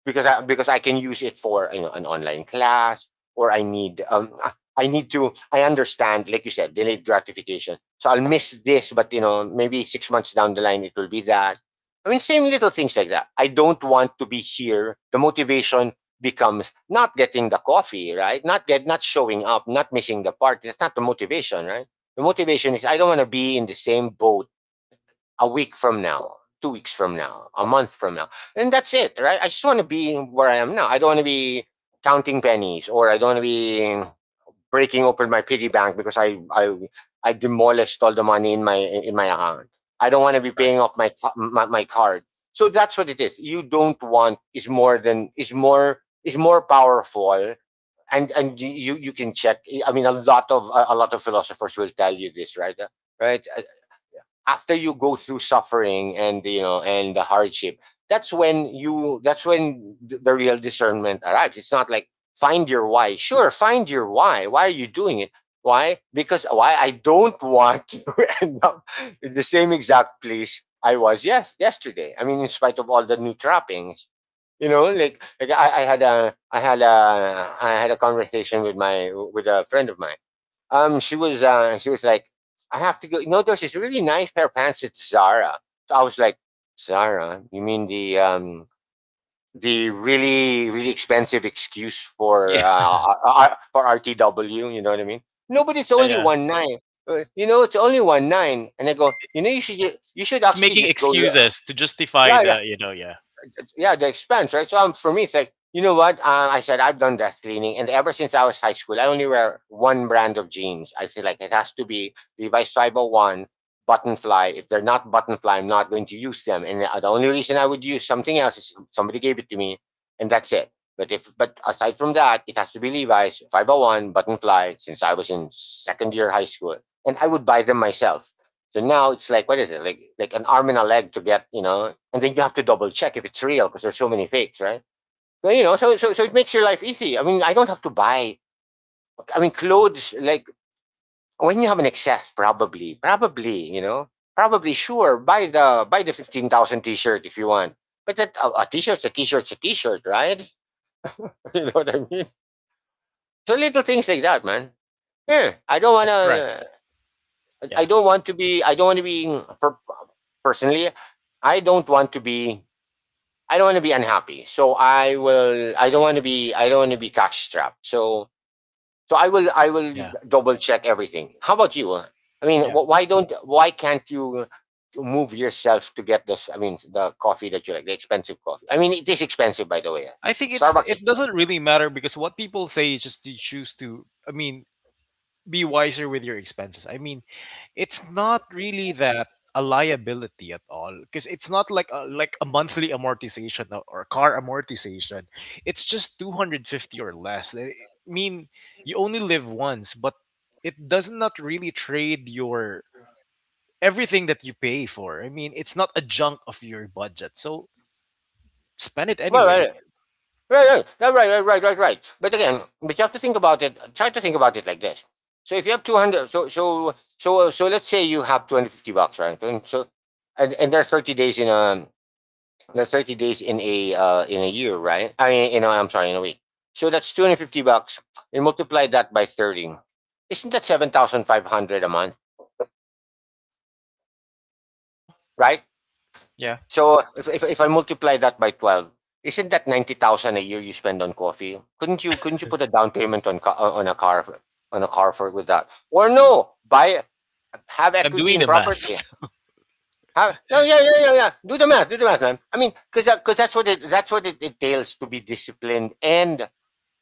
S2: because I, because I can use it for, you know, an online class. Or I need, I need to, I understand, like you said, delayed gratification, so I'll miss this, but you know, maybe 6 months down the line it will be that. I mean, same little things like that. I don't want to be here, the motivation becomes not getting the coffee, right, not get, not showing up, not missing the party, that's not the motivation, right? The motivation is, I don't want to be in the same boat a week from now, 2 weeks from now, a month from now. And that's it, right? I just want to be where I am now. I don't want to be counting pennies, or I don't want to be breaking open my piggy bank because I demolished all the money in my, in my account. I don't want to be
S1: Right.
S2: paying off my, my card. So that's what it is. You don't want is more than, is more, is more powerful. And you, you can check, I mean, a lot of, a lot of philosophers will tell you this, right? Right Uh, after you go through suffering and, you know, and the hardship, that's when you, that's when the real discernment arrives. It's not like, find your why, sure, find your why are you doing it, why, because why, I don't want [laughs] to end up in the same exact place I was yesterday. I mean, in spite of all the new trappings, you know, like I, I had a conversation with my, with a friend of mine. She was, she was like, I have to go, you know, there's this really nice pair of pants at Zara. So I was like, Zara, you mean the, the really really expensive excuse for
S1: Yeah. [laughs]
S2: For RTW, you know what I mean? No, but it's
S1: Yeah,
S2: only
S1: yeah.
S2: one nine. You know, it's only one nine. And I go, you know, you should you should
S1: It's
S2: actually
S1: making
S2: just go
S1: excuses to justify
S2: right.
S1: the, you know, yeah.
S2: Yeah, the expense, right? So for me, it's like, you know what? I said, I've done death cleaning. And ever since I was high school, I only wear one brand of jeans. I say, like, it has to be Levi's Cyber One, Buttonfly. If they're not Buttonfly, I'm not going to use them. And the only reason I would use something else is if somebody gave it to me, and that's it. But if, but aside from that, it has to be Levi's 501 Buttonfly since I was in second year high school, and I would buy them myself. So now it's like, what is it, like an arm and a leg to get, and then you have to double check if it's real because there's so many fakes, right? Well, so it makes your life easy. I mean, I don't have to buy. I mean, clothes, like, when you have an excess, probably, sure, buy the, 15,000 t-shirt if you want. But that a t-shirt's a t-shirt's a t-shirt, right? [laughs] You know what I mean? So little things like that, man. Yeah, I don't
S1: Correct, correct.
S2: wanna.
S1: Yeah.
S2: I don't want to be, for, personally. I don't want to be. I don't want to be unhappy. So I will. I don't want to be cash strapped. So, I will
S1: Yeah.
S2: double check everything. How about you? I mean,
S1: Yeah.
S2: wh- why don't? Why can't you move yourself to get this? I mean, the coffee that you like, the expensive coffee. I mean, it is expensive, by the way.
S1: I think it's
S2: Starbucks
S1: it
S2: is, well.
S1: doesn't really matter because what people say is just to choose to, I mean, be wiser with your expenses. I mean, it's not really that a liability at all because it's not like a, like a monthly amortization or car amortization, it's just 250 or less, I mean, you only live once, but it does not really trade your everything that you pay for, I mean, it's not a junk of your budget, so spend it
S2: well,
S1: anyway.
S2: Right, right, no, right, right, right, right, right. But again, but you have to think about it. Try to think about it like this. So if you have 200, so let's say you have $250, right? And so, and there are 30 days in a, there are 30 days in a, in a year, right? I mean, I'm sorry, in a week. So that's $250. You multiply that by 30. Isn't that 7,500 a month,
S1: No,
S2: right?
S1: yeah,
S2: So if I multiply that by 12, isn't that 90,000 a year you spend on coffee? Couldn't you put a down payment on, on a car, for, with that? Or, no, buy, have
S1: I'm
S2: equity
S1: doing
S2: in
S1: the math.
S2: property. Have, no, yeah, yeah, yeah, yeah. Do the math. Do the math, man. I mean, because that's what it, that's what it entails, to be disciplined, and,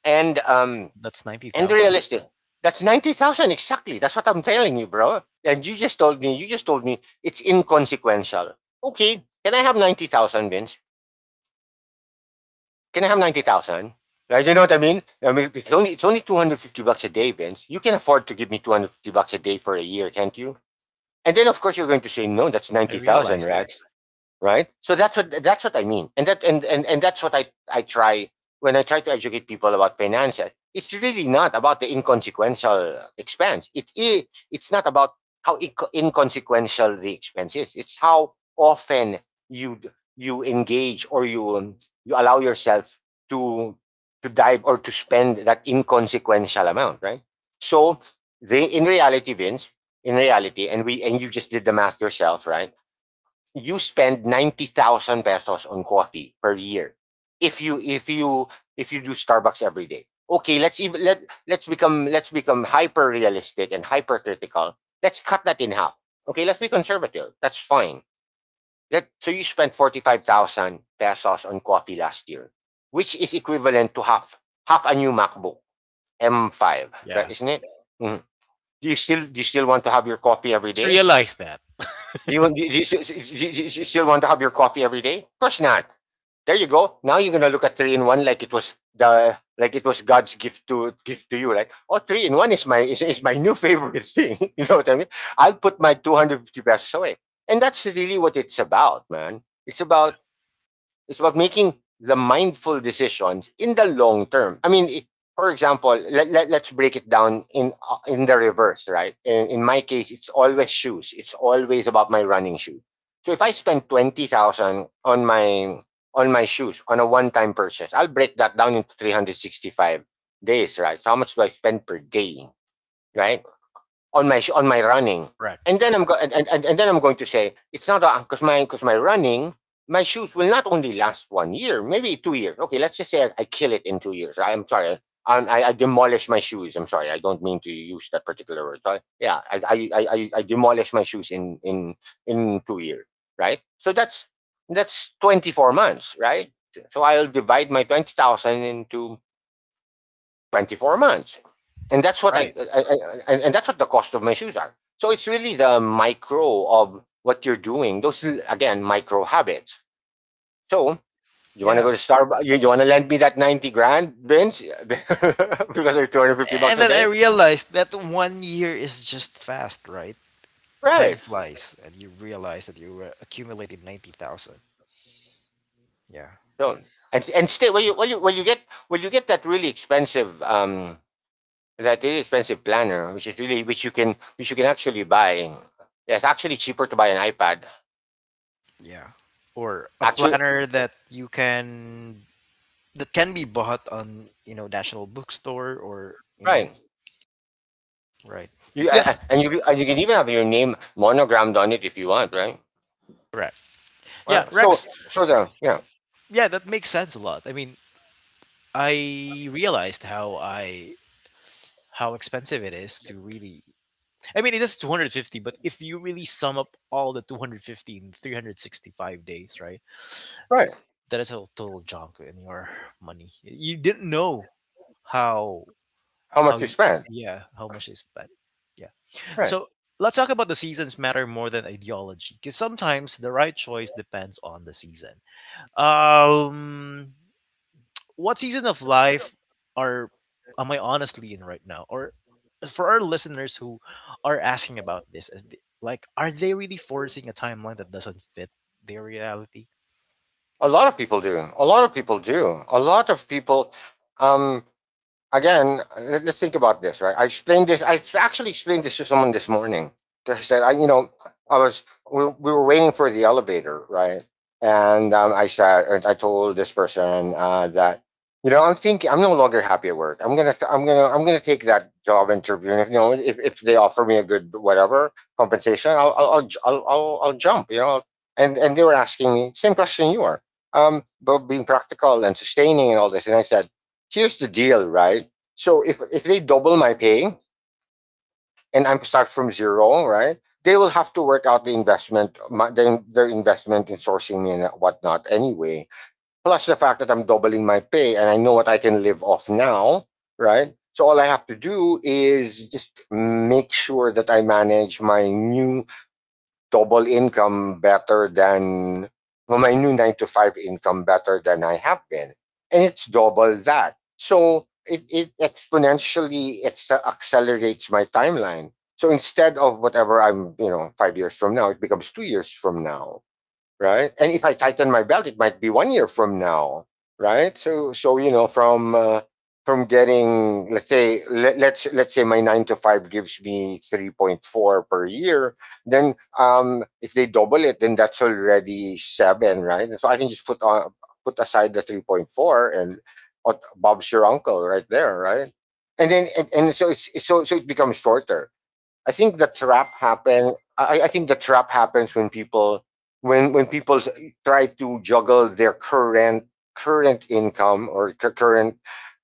S2: and
S1: [laughs]
S2: um
S1: That's
S2: and
S1: 90,000.
S2: realistic. That's 90,000 exactly. That's what I'm telling you, bro. And you just told me it's inconsequential. Okay, can I have 90,000, Vince?
S1: Yeah,
S2: Can I have 90,000? Right? You know what I mean? I mean, it's only 250 bucks a day, Vince. You can afford to give me 250 bucks a day for a year, can't you? And then, of course, you're going to say, no, that's
S1: I
S2: 90,000,
S1: realized that.
S2: right? Right, so that's what I mean. And, that's what i try I try to educate people about finances. It's really not about the inconsequential expense, it is. It's not about how inconsequential the expense is. It's how often you you engage, or you allow yourself to to dive, or to spend that inconsequential amount, right? So, they, in reality, Vince, in reality, and you just did the math yourself, right? You spend 90,000 pesos on coffee per year if you, if you do Starbucks every day. Okay, let's even let let's become hyper realistic and hypercritical. Let's cut that in half. Okay, let's be conservative. That's fine. Let so you spent 45,000 pesos on coffee last year, which is equivalent to half, a new MacBook M5, right?
S1: Yeah,
S2: Isn't it? Mhm. Do you still want to have your coffee
S1: I
S2: every
S1: just
S2: day?
S1: realized that.
S2: Do you still want to have your coffee every day? Of course not. There you go. Now you're gonna look at three in one like it was, the like it was God's gift, to you. Like, oh, three in one is my, is my new favorite thing. [laughs] You know what I mean? I'll put my 250 pesos away, and that's really what it's about, man.
S1: Yeah,
S2: It's about making the mindful decisions in the long term. I mean, if, for example, let's break it down in, in the reverse, right? In my case, it's always shoes. It's always about my running shoe. So if I spend 20,000 on my, shoes, on a one-time purchase, I'll break that down into 365 days, right? So how much do I spend per day, right? On my, running.
S1: correct.
S2: And then
S1: Yeah,
S2: I'm go- and then I'm going to say, it's not, because my shoes will not only last one year, maybe 2 years. Okay, let's just say I kill it in 2 years. I am sorry. I demolish my shoes. I'm sorry. I don't mean to use that particular word. Sorry. Yeah, I demolish my shoes in 2 years, right? So that's 24 months, right? So I'll divide my 20,000 into 24 months, and that's what
S1: right.
S2: I- and that's what the cost of my shoes are. So it's really the micro of what you're doing. Those, again, micro habits. So you want to
S1: Yeah.
S2: go to Starbucks, you want to lend me that 90 grand, Vince. [laughs] Because, they, 250 bucks
S1: And
S2: a
S1: then I
S2: day,
S1: realized that one year is just fast, right? Time
S2: right?
S1: flies, and you realize that you were accumulated 90,000. Yeah,
S2: So, and still, when you, when you get that really expensive, that really expensive planner, which is really, which you can actually buy. Yeah, it's actually cheaper to buy an iPad,
S1: yeah. Or a
S2: actually,
S1: planner that you can, that can be bought on, you know, National Bookstore, or, you know,
S2: right?
S1: right.
S2: You,
S1: Yeah,
S2: a- and you can even have your name monogrammed on it if you want, right?
S1: correct. Yeah,
S2: Well, so
S1: Rex.
S2: so the yeah,
S1: Yeah, that makes sense a lot. I mean, I realized how I, how expensive it is to really, I mean, it is 250, but if you really sum up all the 250 in 365 days, right?
S2: right.
S1: That is a total junk in your money. You didn't know how,
S2: How
S1: how
S2: much you
S1: y-
S2: spend,
S1: yeah, how much is spent. Yeah.
S2: right?
S1: So let's talk about the seasons matter more than ideology, because sometimes the right choice depends on the season. Um, what season of life are, am I honestly in right now? Or for our listeners who are asking about this, is like, are they really forcing a timeline that doesn't fit their reality?
S2: A lot of people do. A lot of people do. A lot of people. Um, Again, let us think about this, right? I explained this. I actually explained this to someone this morning. I said, I was, we were waiting for the elevator, right? And, I said, I told this person, that, you know, I'm thinking, I'm no longer happy at work. I'm gonna take that job interview. And if, you know, if they offer me a good, whatever, compensation, I'll, j- I'll jump. You know. And they were asking me same question you were, but being practical and sustaining and all this. And I said, here's the deal, right? So if they double my pay and I'm start from zero, right? They will have to work out the investment, my, their investment in sourcing me and whatnot anyway. Plus the fact that I'm doubling my pay and I know what I can live off now, right? So all I have to do is just make sure that I manage my new double income better than, well, my new nine to five income better than I have been. And it's double that. So it exponentially, accelerates my timeline. So instead of whatever I'm, 5 years from now, it becomes 2 years from now, right? And if I tighten my belt, it might be one year from now, right? So, from, from getting, let's say, my nine to five gives me 3.4 per year. Then, if they double it, then that's already seven, right? And so I can just, put aside the 3.4, and, Bob's your uncle right there, right? And so it's so so it becomes shorter. I think the trap happens when people, when when people s- try to juggle their current income, or, current,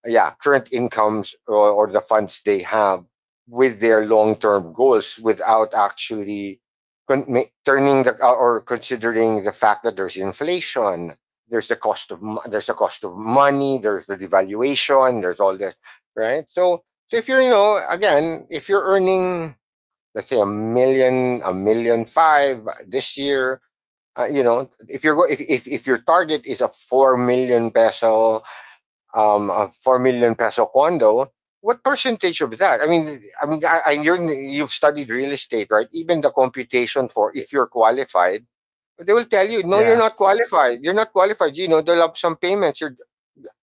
S2: yeah, current incomes, or, the funds they have, with their long term goals, without actually, con- ma- turning the or considering the fact that there's inflation. There's the cost of, money. There's the devaluation. There's all this. Right? So, so if you're you know again if you're earning, let's say, a million five this year. You know, if you're go- If your target is a 4 million peso, a 4 million peso condo, what percentage of that? I mean, you've studied real estate, right? Even the computation for if you're qualified, they will tell you, no, you're
S1: Yeah,
S2: not qualified. You're not qualified. They'll have some payments. You're,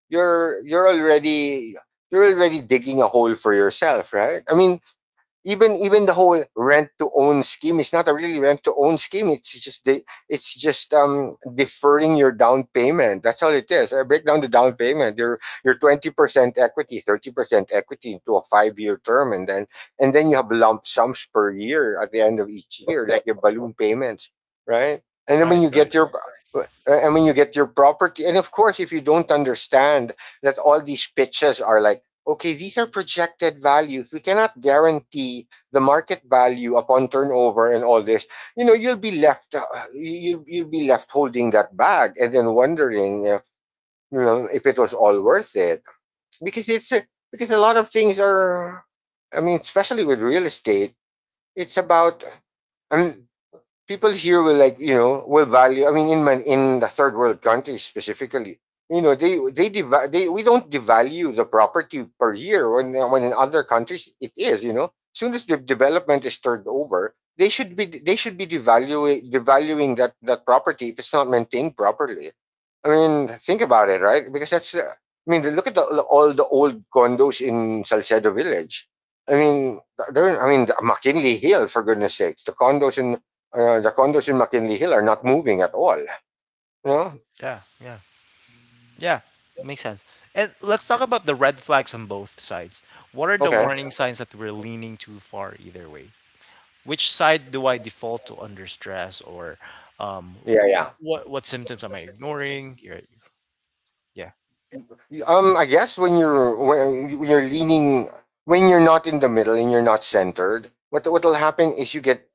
S2: you're you're already you're already digging a hole for yourself, right? I mean, even the whole rent to own scheme is not a really rent to own scheme. It's just deferring your down payment. That's all it is. I break down the down payment, your 20% equity, 30% equity, into a 5-year term, and then you have lump sums per year at the end of each year, like your balloon payments, right? And then when
S1: right,
S2: you get
S1: right.
S2: your and when you get your property. And of course, if you don't understand that all these pitches are like, "Okay, these are projected values. We cannot guarantee the market value upon turnover," and all this. You know, you'll be left you'll be left holding that bag and then wondering if, you know, if it was all worth it. Because it's a, because a lot of things are. I mean, especially with real estate, it's about. I mean, people here will, like, you know, will value. I mean, in man, in the third world countries specifically, you know, they, deva- they, we don't devalue the property per year, when in other countries it is. You know, soon as the development is turned over, they should be devaluing devaluing that that property if it's not maintained properly. I mean, think about it, right? Because that's I mean, look at the, all the old condos in Salcedo Village. I mean, they're, I mean, McKinley Hill, for goodness sakes, the condos in McKinley Hill are not moving at all. No?
S1: Yeah, yeah, yeah. Makes sense. And let's talk about the red flags on both sides. What are the
S2: Okay.
S1: warning signs that we're leaning too far either way? Which side do I default to under stress, or um,
S2: Yeah, yeah.
S1: what symptoms am I ignoring? You're- Yeah,
S2: I guess when you're leaning, when you're not in the middle and you're not centered, what will happen is you get,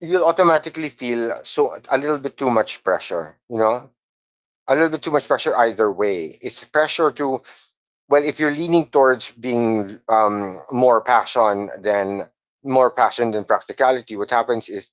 S2: you'll automatically feel so a little bit too much pressure. You know, a little bit too much pressure either way. It's pressure to, well, if you're leaning towards being more passion than practicality, what happens is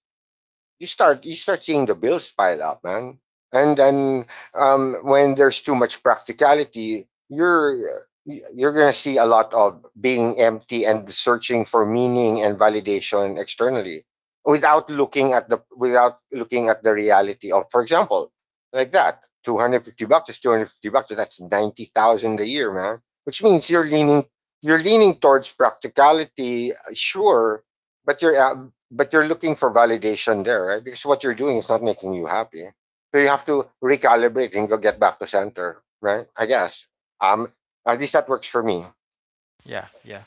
S2: you start, you start seeing the bills pile up, man. And then when there's too much practicality, you're gonna see a lot of being empty and searching for meaning and validation externally without looking at the without looking at the reality of, for example, like that. $250 is $250. So that's 90,000 a year, man. Which means you're leaning, you're leaning towards practicality, sure, but you're looking for validation there, right? Because what you're doing is not making you happy. So you have to recalibrate and go get back to center, right? I guess. Um, at least that works for me.
S1: yeah, yeah.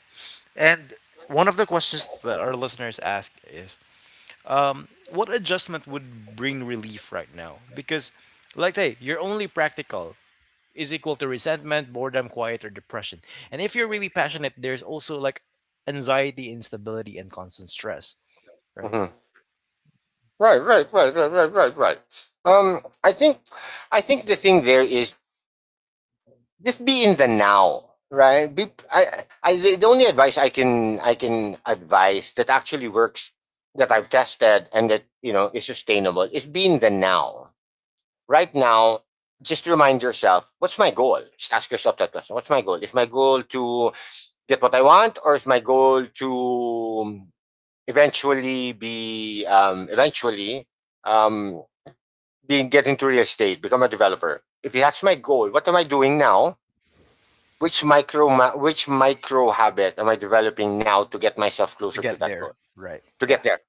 S1: And one of the questions that our listeners ask is, what adjustment would bring relief right now? Because, like, hey, your only practical is equal to resentment, boredom, quiet, or depression. And if you're really passionate, there's also like anxiety, instability, and constant stress, right?
S2: Mhm. Right, right, right, right, right, right, right. Um, I think, I think the thing there is just be in the now, right? The only advice I can advise that actually works, that I've tested and that, you know, is sustainable, is be in the now right now. Just remind yourself, what's my goal? Just ask yourself that question. What's my goal? Is my goal to get what I want, or is my goal to eventually be eventually um, being get into real estate, become a developer? If that's my goal, what am I doing now? Which micro which micro habit am I developing now to get myself
S1: To
S2: closer to
S1: get
S2: that goal?
S1: there, right?
S2: To get there,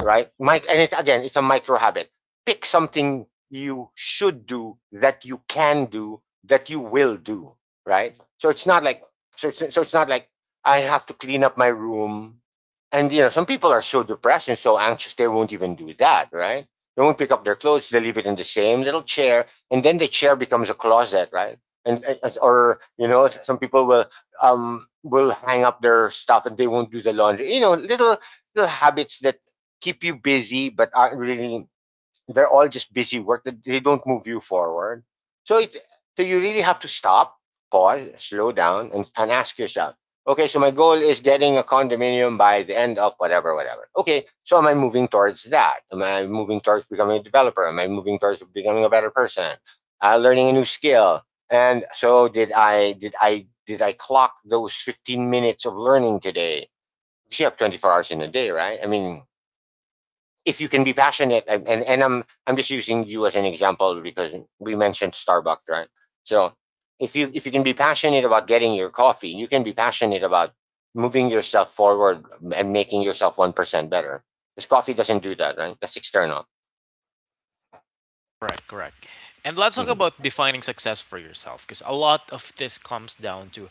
S2: right? Mike, and it, again, it's a micro habit. Pick something you should do that you can do that you will do, right? So it's not like I have to clean up my room, and, you know, some people are so depressed and so anxious they won't even do that, right? They won't pick up their clothes. They leave it in the same little chair, and then the chair becomes a closet, right? And, or, you know, some people will hang up their stuff and they won't do the laundry. You know, little little habits that keep you busy but aren't really, they're all just busy work that they don't move you forward. So it, so you really have to stop, pause, slow down, and ask yourself, okay, so my goal is getting a condominium by the end of whatever whatever. Okay, so am I moving towards that? Am I moving towards becoming a developer? Am I moving towards becoming a better person? Uh, learning a new skill. And so, did I clock those 15 minutes of learning today? You have 24 hours in a day, right? I mean, if you can be passionate, I'm just using you as an example because we mentioned Starbucks, right? So if you can be passionate about getting your coffee, you can be passionate about moving yourself forward and making yourself 1% better. Because coffee doesn't do that, right? That's external.
S1: Correct, correct. And let's talk
S2: Mhm.
S1: about defining success for yourself because a lot of this comes down to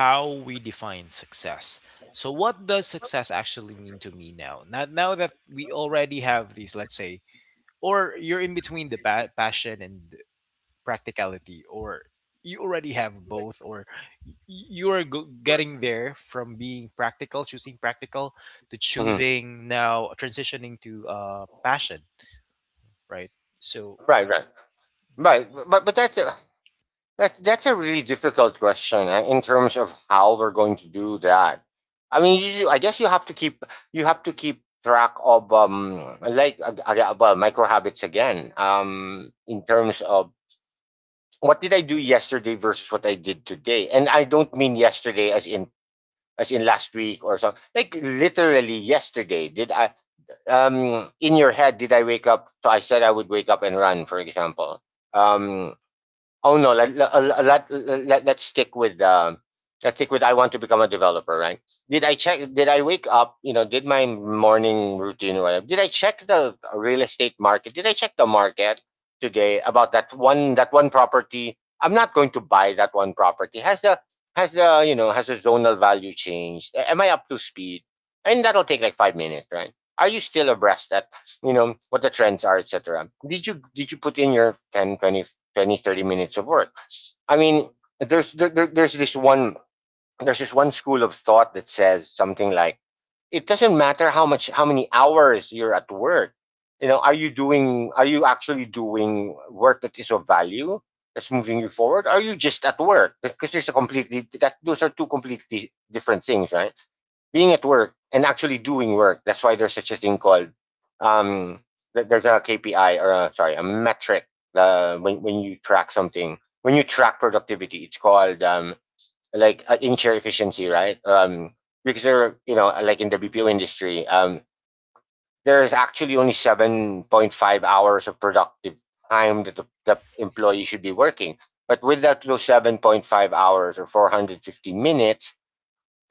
S1: how we define success. So, what does success actually mean to me now? Now, now that we already have these, let's say, or you're in between the passion and practicality, or you already have both, or you are getting there from being practical, choosing practical, to
S2: Mhm.
S1: choosing now transitioning to passion, right? So,
S2: Right, right. Right, but that's that, that's a really difficult question in terms of how we're going to do that. I mean, you, I guess you have to keep, you have to keep track of like well, micro habits again. In terms of what did I do yesterday versus what I did today, and I don't mean yesterday as in last week or something. Like literally yesterday, did I in your head, did I wake up? So I said I would wake up and run, for example. Um, Oh no, let us stick with let's stick with, I want to become a developer, right? Did I check? Did I wake up? You know, did my morning routine or whatever? Did I check the real estate market? Did I check the market today about that one, that one property? I'm not going to buy that one property. Has the has the, you know, has the zonal value changed? Am I up to speed? And that'll take like 5 minutes, right? Are you still abreast at, you know, what the trends are, etc.? Did you, did you put in your 10, 20? 20, 30 minutes of work. I mean, there's this one school of thought that says something like, it doesn't matter how much, how many hours you're at work. You know, are you doing, are you actually doing work that is of value, that's moving you forward? Are you just at work? Because there's a completely, that those are two completely different things, right? Being at work and actually doing work. That's why there's such a thing called um, there's a KPI, or a, sorry, a metric when you track something, when you track productivity. It's called like in share efficiency, right? Because there, you know, like in the BPO industry, there's actually only 7.5 hours of productive time that the employee should be working. But with that, those 7.5 hours, or 450 minutes,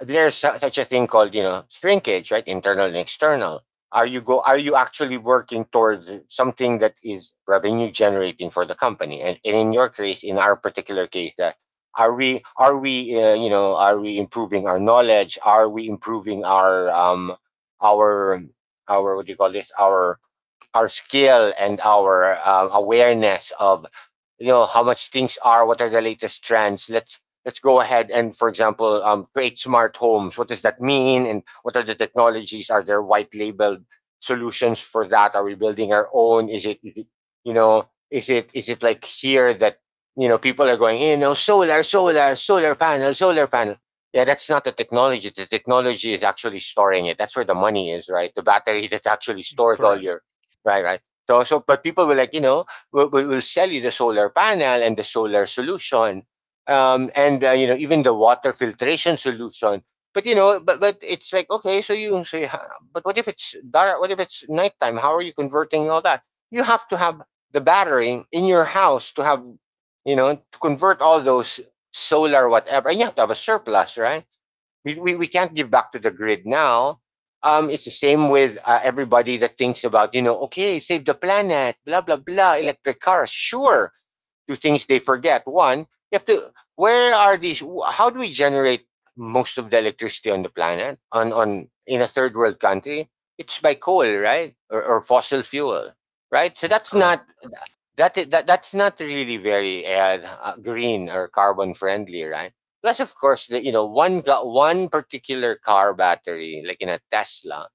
S2: there's su- such a thing called, you know, shrinkage, right? Internal and external. Are you go, are you actually working towards something that is revenue generating for the company? And in your case, in our particular case, that, are we, are we you know, are we improving our knowledge? Are we improving our our, what do you call this, our skill and our awareness of, you know, how much things are, what are the latest trends? Let's go ahead and, for example, create smart homes. What does that mean, and what are the technologies? Are there white labeled solutions for that? Are we building our own? Is it, you know, is it, is it like here that, you know, people are going, you know, solar, solar, solar panel, solar panel. Yeah, that's not the technology. The technology is actually storing it. That's where the money is, right? The battery that actually stores all
S1: correct,
S2: your, right, right. So, so but people will, like, you know, will sell you the solar panel and the solar solution, and you know, even the water filtration solution. But you know, but it's like, okay, so you say, "Huh, but what if it's dark? What if it's nighttime? How are you converting all that? You have to have the battery in your house to have, you know, to convert all those solar whatever, and you have to have a surplus," right? We can't give back to the grid now. It's the same with everybody that thinks about, you know, okay, save the planet, blah, blah, blah, electric cars. Sure, two things they forget. One, you have to, where are these, how do we generate most of the electricity on the planet, on in a third world country? It's by coal, right? Or fossil fuel, right? So that's
S1: correct,
S2: not, that, that that's not really very green or carbon friendly, right? Plus, of course, the, you know, one got one particular car battery, like in a Tesla,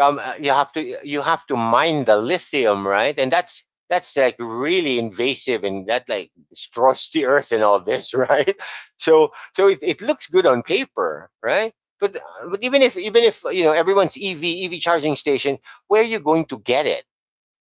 S2: you have to, you have to mine the lithium, right? And that's like really invasive and that like destroys the earth and all this, [laughs] right? So so it looks good on paper, right? But even if you know everyone's EV charging station, where are you going to get it?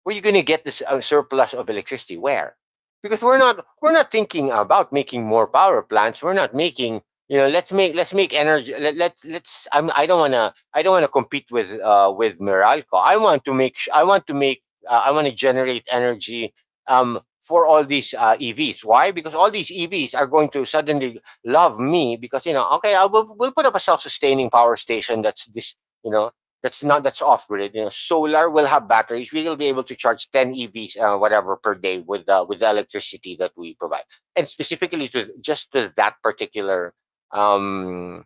S2: Where you going to get this surplus of electricity? Where? Because we're not thinking about making more power plants. We're not making, you know, let's make energy, let's I don't want to compete with Meralco. I want to make I want to make I want to generate energy for all these EVs. Why? Because all these EVs are going to suddenly love me, because you know, okay, I will we'll put up a self-sustaining power station. That's this, you know, that's not, that's off grid. You know, solar will have batteries. We will be able to charge ten EVs, whatever per day, with the electricity that we provide, and specifically to just to that particular um,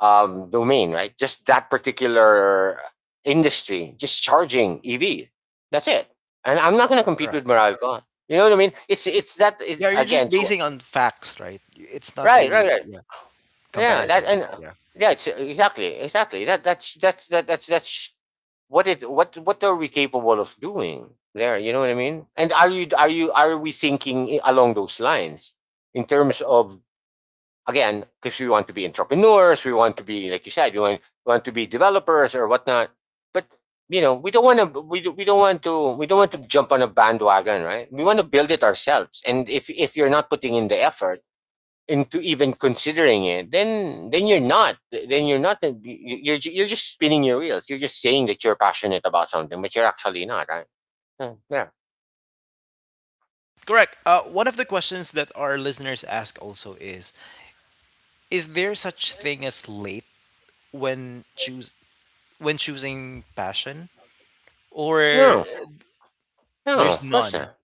S2: domain, right? Just that particular industry, just charging EV. That's it. And I'm not going to compete with
S1: correct.
S2: Meralco. You know what I mean? It's that, it,
S1: Yeah, you're just
S2: again. So
S1: basing on facts, right? It's not
S2: right, right,
S1: really,
S2: right.
S1: yeah,
S2: Yeah, that
S1: comparison.
S2: and
S1: Yeah.
S2: yeah, it's, exactly, exactly. That's what it, what are we capable of doing there? You know what I mean? And are you are we thinking along those lines in terms of, again, because we want to be entrepreneurs, we want to be, like you said, we want, to be developers or whatnot, but you know, we don't want to, we don't want to jump on a bandwagon, right? We want to build it ourselves. And if you're not putting in the effort into even considering it, then you're not. Then you're not. You- are You're just spinning your wheels. You're just saying that you're passionate about something, but you're actually not, right? Yeah.
S1: Correct. One of the questions that our listeners ask also is: is there such thing as late when choose, when choosing passion, or
S2: No. No.
S1: there's
S2: Of course
S1: none?
S2: not.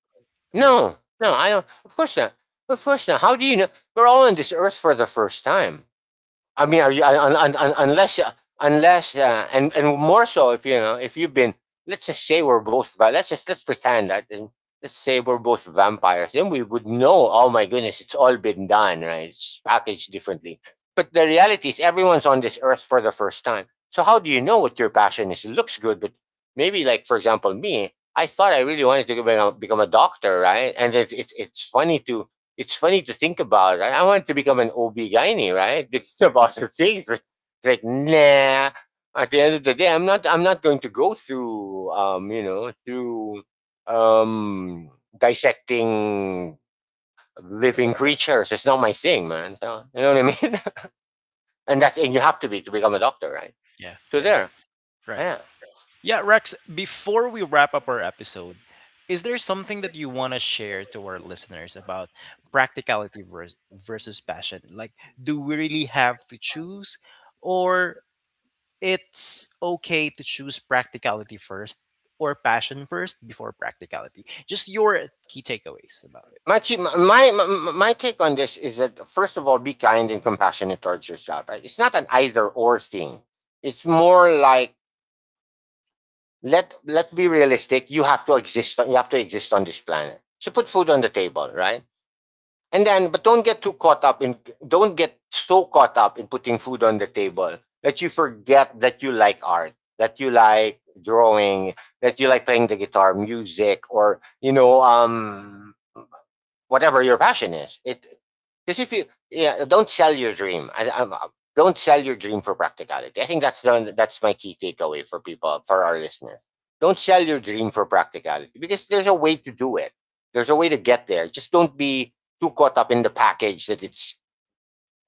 S1: Yeah,
S2: No. No. I don't. Of course not. Of course not. How do you know? We're all on this earth for the first time. I mean, are you, unless unless and and more so if you know if you've been, let's just say we're both let's just, let's pretend that, and let's say we're both vampires, then we would know, oh my goodness, it's all been done, right? It's packaged differently. But the reality is everyone's on this earth for the first time. So how do you know what your passion is? It looks good, but maybe, like, for example, me, I thought I really wanted to become a doctor, right? And it's funny to, it's funny to think about. Right? I want to become an OB gynae, right? [laughs] It's about the things. It's like, nah. At the end of the day, I'm not. I'm not going to go through, you know, through um, dissecting living creatures. It's not my thing, man. So, you know what I mean? [laughs] And that's, and you have to be, to become a doctor, right?
S1: yeah,
S2: So
S1: yeah.
S2: there,
S1: Right.
S2: yeah.
S1: Yeah, Rex. Before we wrap up our episode, is there something that you want to share to our listeners about practicality versus passion? Like, do we really have to choose, or it's okay to choose practicality first or passion first before practicality. Just your key takeaways about it.
S2: My, my my take on this is that, first of all, be kind and compassionate towards yourself. Right? It's not an either or thing. It's more like, let be realistic. You have to exist. You have to exist on this planet. So put food on the table, right? And then, but don't get too caught up in. Don't get so caught up in putting food on the table that you forget that you like art, that you like drawing, that you like playing the guitar, music, or you know, whatever your passion is. It, because if you, yeah, don't sell your dream. Don't sell your dream for practicality. I think that's the, that's my key takeaway for people, for our listeners. Don't sell your dream for practicality, because there's a way to do it. There's a way to get there. Just don't be too caught up in the package that it's,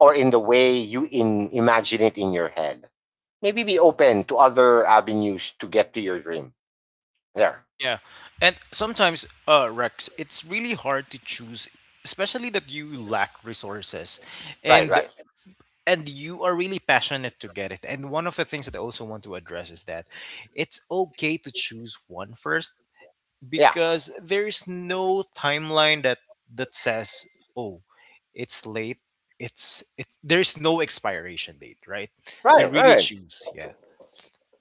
S2: or in the way you, in, imagine it in your head. Maybe be open to other avenues to get to your dream. There.
S1: Yeah, and sometimes, Rex, it's really hard to choose, especially that you lack resources,
S2: Right,
S1: and
S2: right.
S1: you are really passionate to get it. And one of the things that I also want to address is that it's okay to choose one first
S2: Yeah.
S1: because there is no timeline that, that says, oh, it's late, it's there's no expiration date, right, to
S2: Right,
S1: really
S2: right.
S1: choose. Yeah,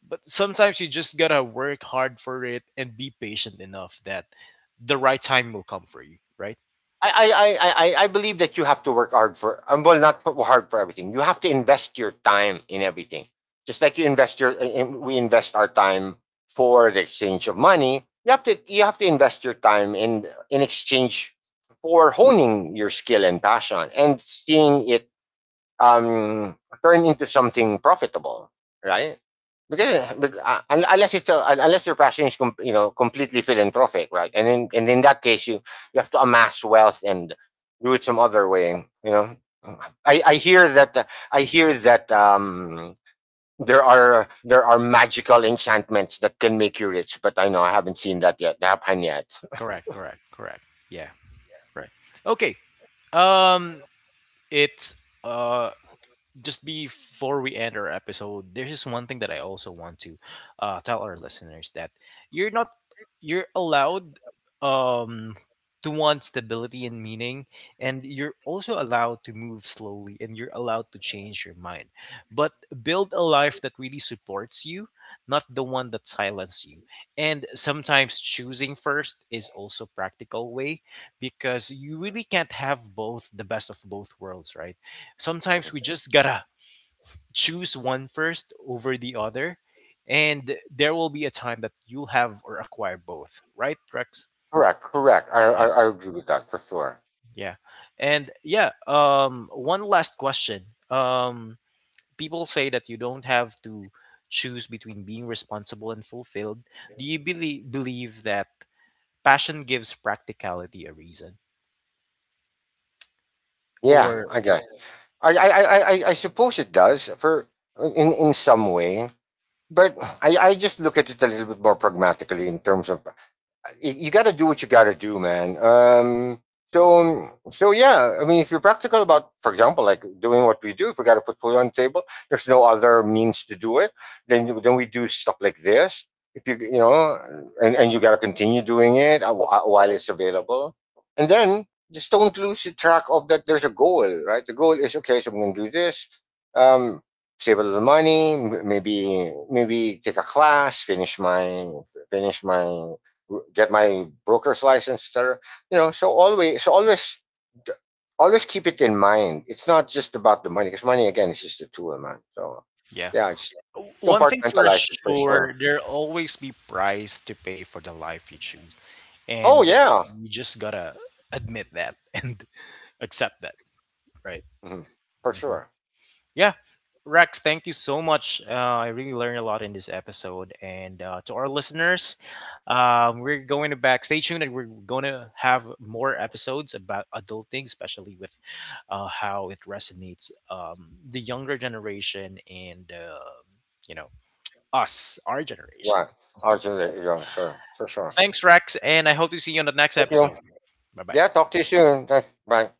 S1: but sometimes you just gotta work hard for it and be patient enough that the right time will come for you, right?
S2: I believe that you have to work hard for, well, not for- hard for everything. You have to invest your time in everything. Just like you invest your, we invest our time for the exchange of money. You have to invest your time in exchange for honing your skill and passion, and seeing it um, turn into something profitable, right? Because uh, unless it's a, unless your passion is you know, completely philanthropic, right? And in, and in that case, you have to amass wealth and do it some other way, you know. I, I hear that uh, I hear that there are, there are magical enchantments that can make you rich, but I know I haven't seen that yet. That happened yet.
S1: Correct, correct, correct. Yeah. Right. Okay. um it's just before we end our episode, there's just one thing that I also want to tell our listeners that you're not, you're allowed, um, to want stability and meaning, and you're also allowed to move slowly, and you're allowed to change your mind. But build a life that really supports you, not the one that silences you. And sometimes choosing first is also practical way because you really can't have both the best of both worlds, right? Sometimes we
S2: Mhm.
S1: just gotta choose one first over the other, and there will be a time that you'll have or acquire both, right, Rex?
S2: Correct, correct.
S1: Yeah.
S2: I agree with that for sure.
S1: Yeah. And yeah, one last question, people say that you don't have to choose between being responsible and fulfilled. Do you believe that passion gives practicality a reason,
S2: Yeah,
S1: or
S2: I guess. I suppose it does, for, in some way, but I just look at it a little bit more pragmatically, in terms of you, got to do what you got to do, man. So, so yeah, I mean, if you're practical about, for example, like doing what we do, if we got to put food on the table, there's no other means to do it. Then we do stuff like this. If you, you know, and you got to continue doing it while it's available. And then, just don't lose the track of that. There's a goal, right? The goal is, okay, so I'm going to do this. Um, Save a little money, maybe, maybe take a class, finish my, finish my, get my broker's license, etc. You know, so always, always keep it in mind. It's not just about the money, because money, again, is just a tool, man. So
S1: yeah?
S2: yeah, just
S1: W- one thing for
S2: compartmentalize it for
S1: sure,
S2: sure.
S1: there'll always be price to pay for the life you choose,
S2: Oh
S1: and
S2: yeah,
S1: you just gotta admit that [laughs] and accept that, right?
S2: Mhm. For
S1: Hmm.
S2: sure.
S1: Yeah. Rex, thank you so much, I really learned a lot in this episode, and to our listeners, we're going to back, stay tuned, and we're going to have more episodes about adulting, especially with how it resonates, the younger generation, and you know, us, our generation.
S2: Right,
S1: Okay.
S2: Arjun, yeah, sure, for sure.
S1: Thanks, Rex, and I hope to see you on the next
S2: Thank you.
S1: episode. Bye bye.
S2: Yeah, talk to you soon. Thanks. Bye.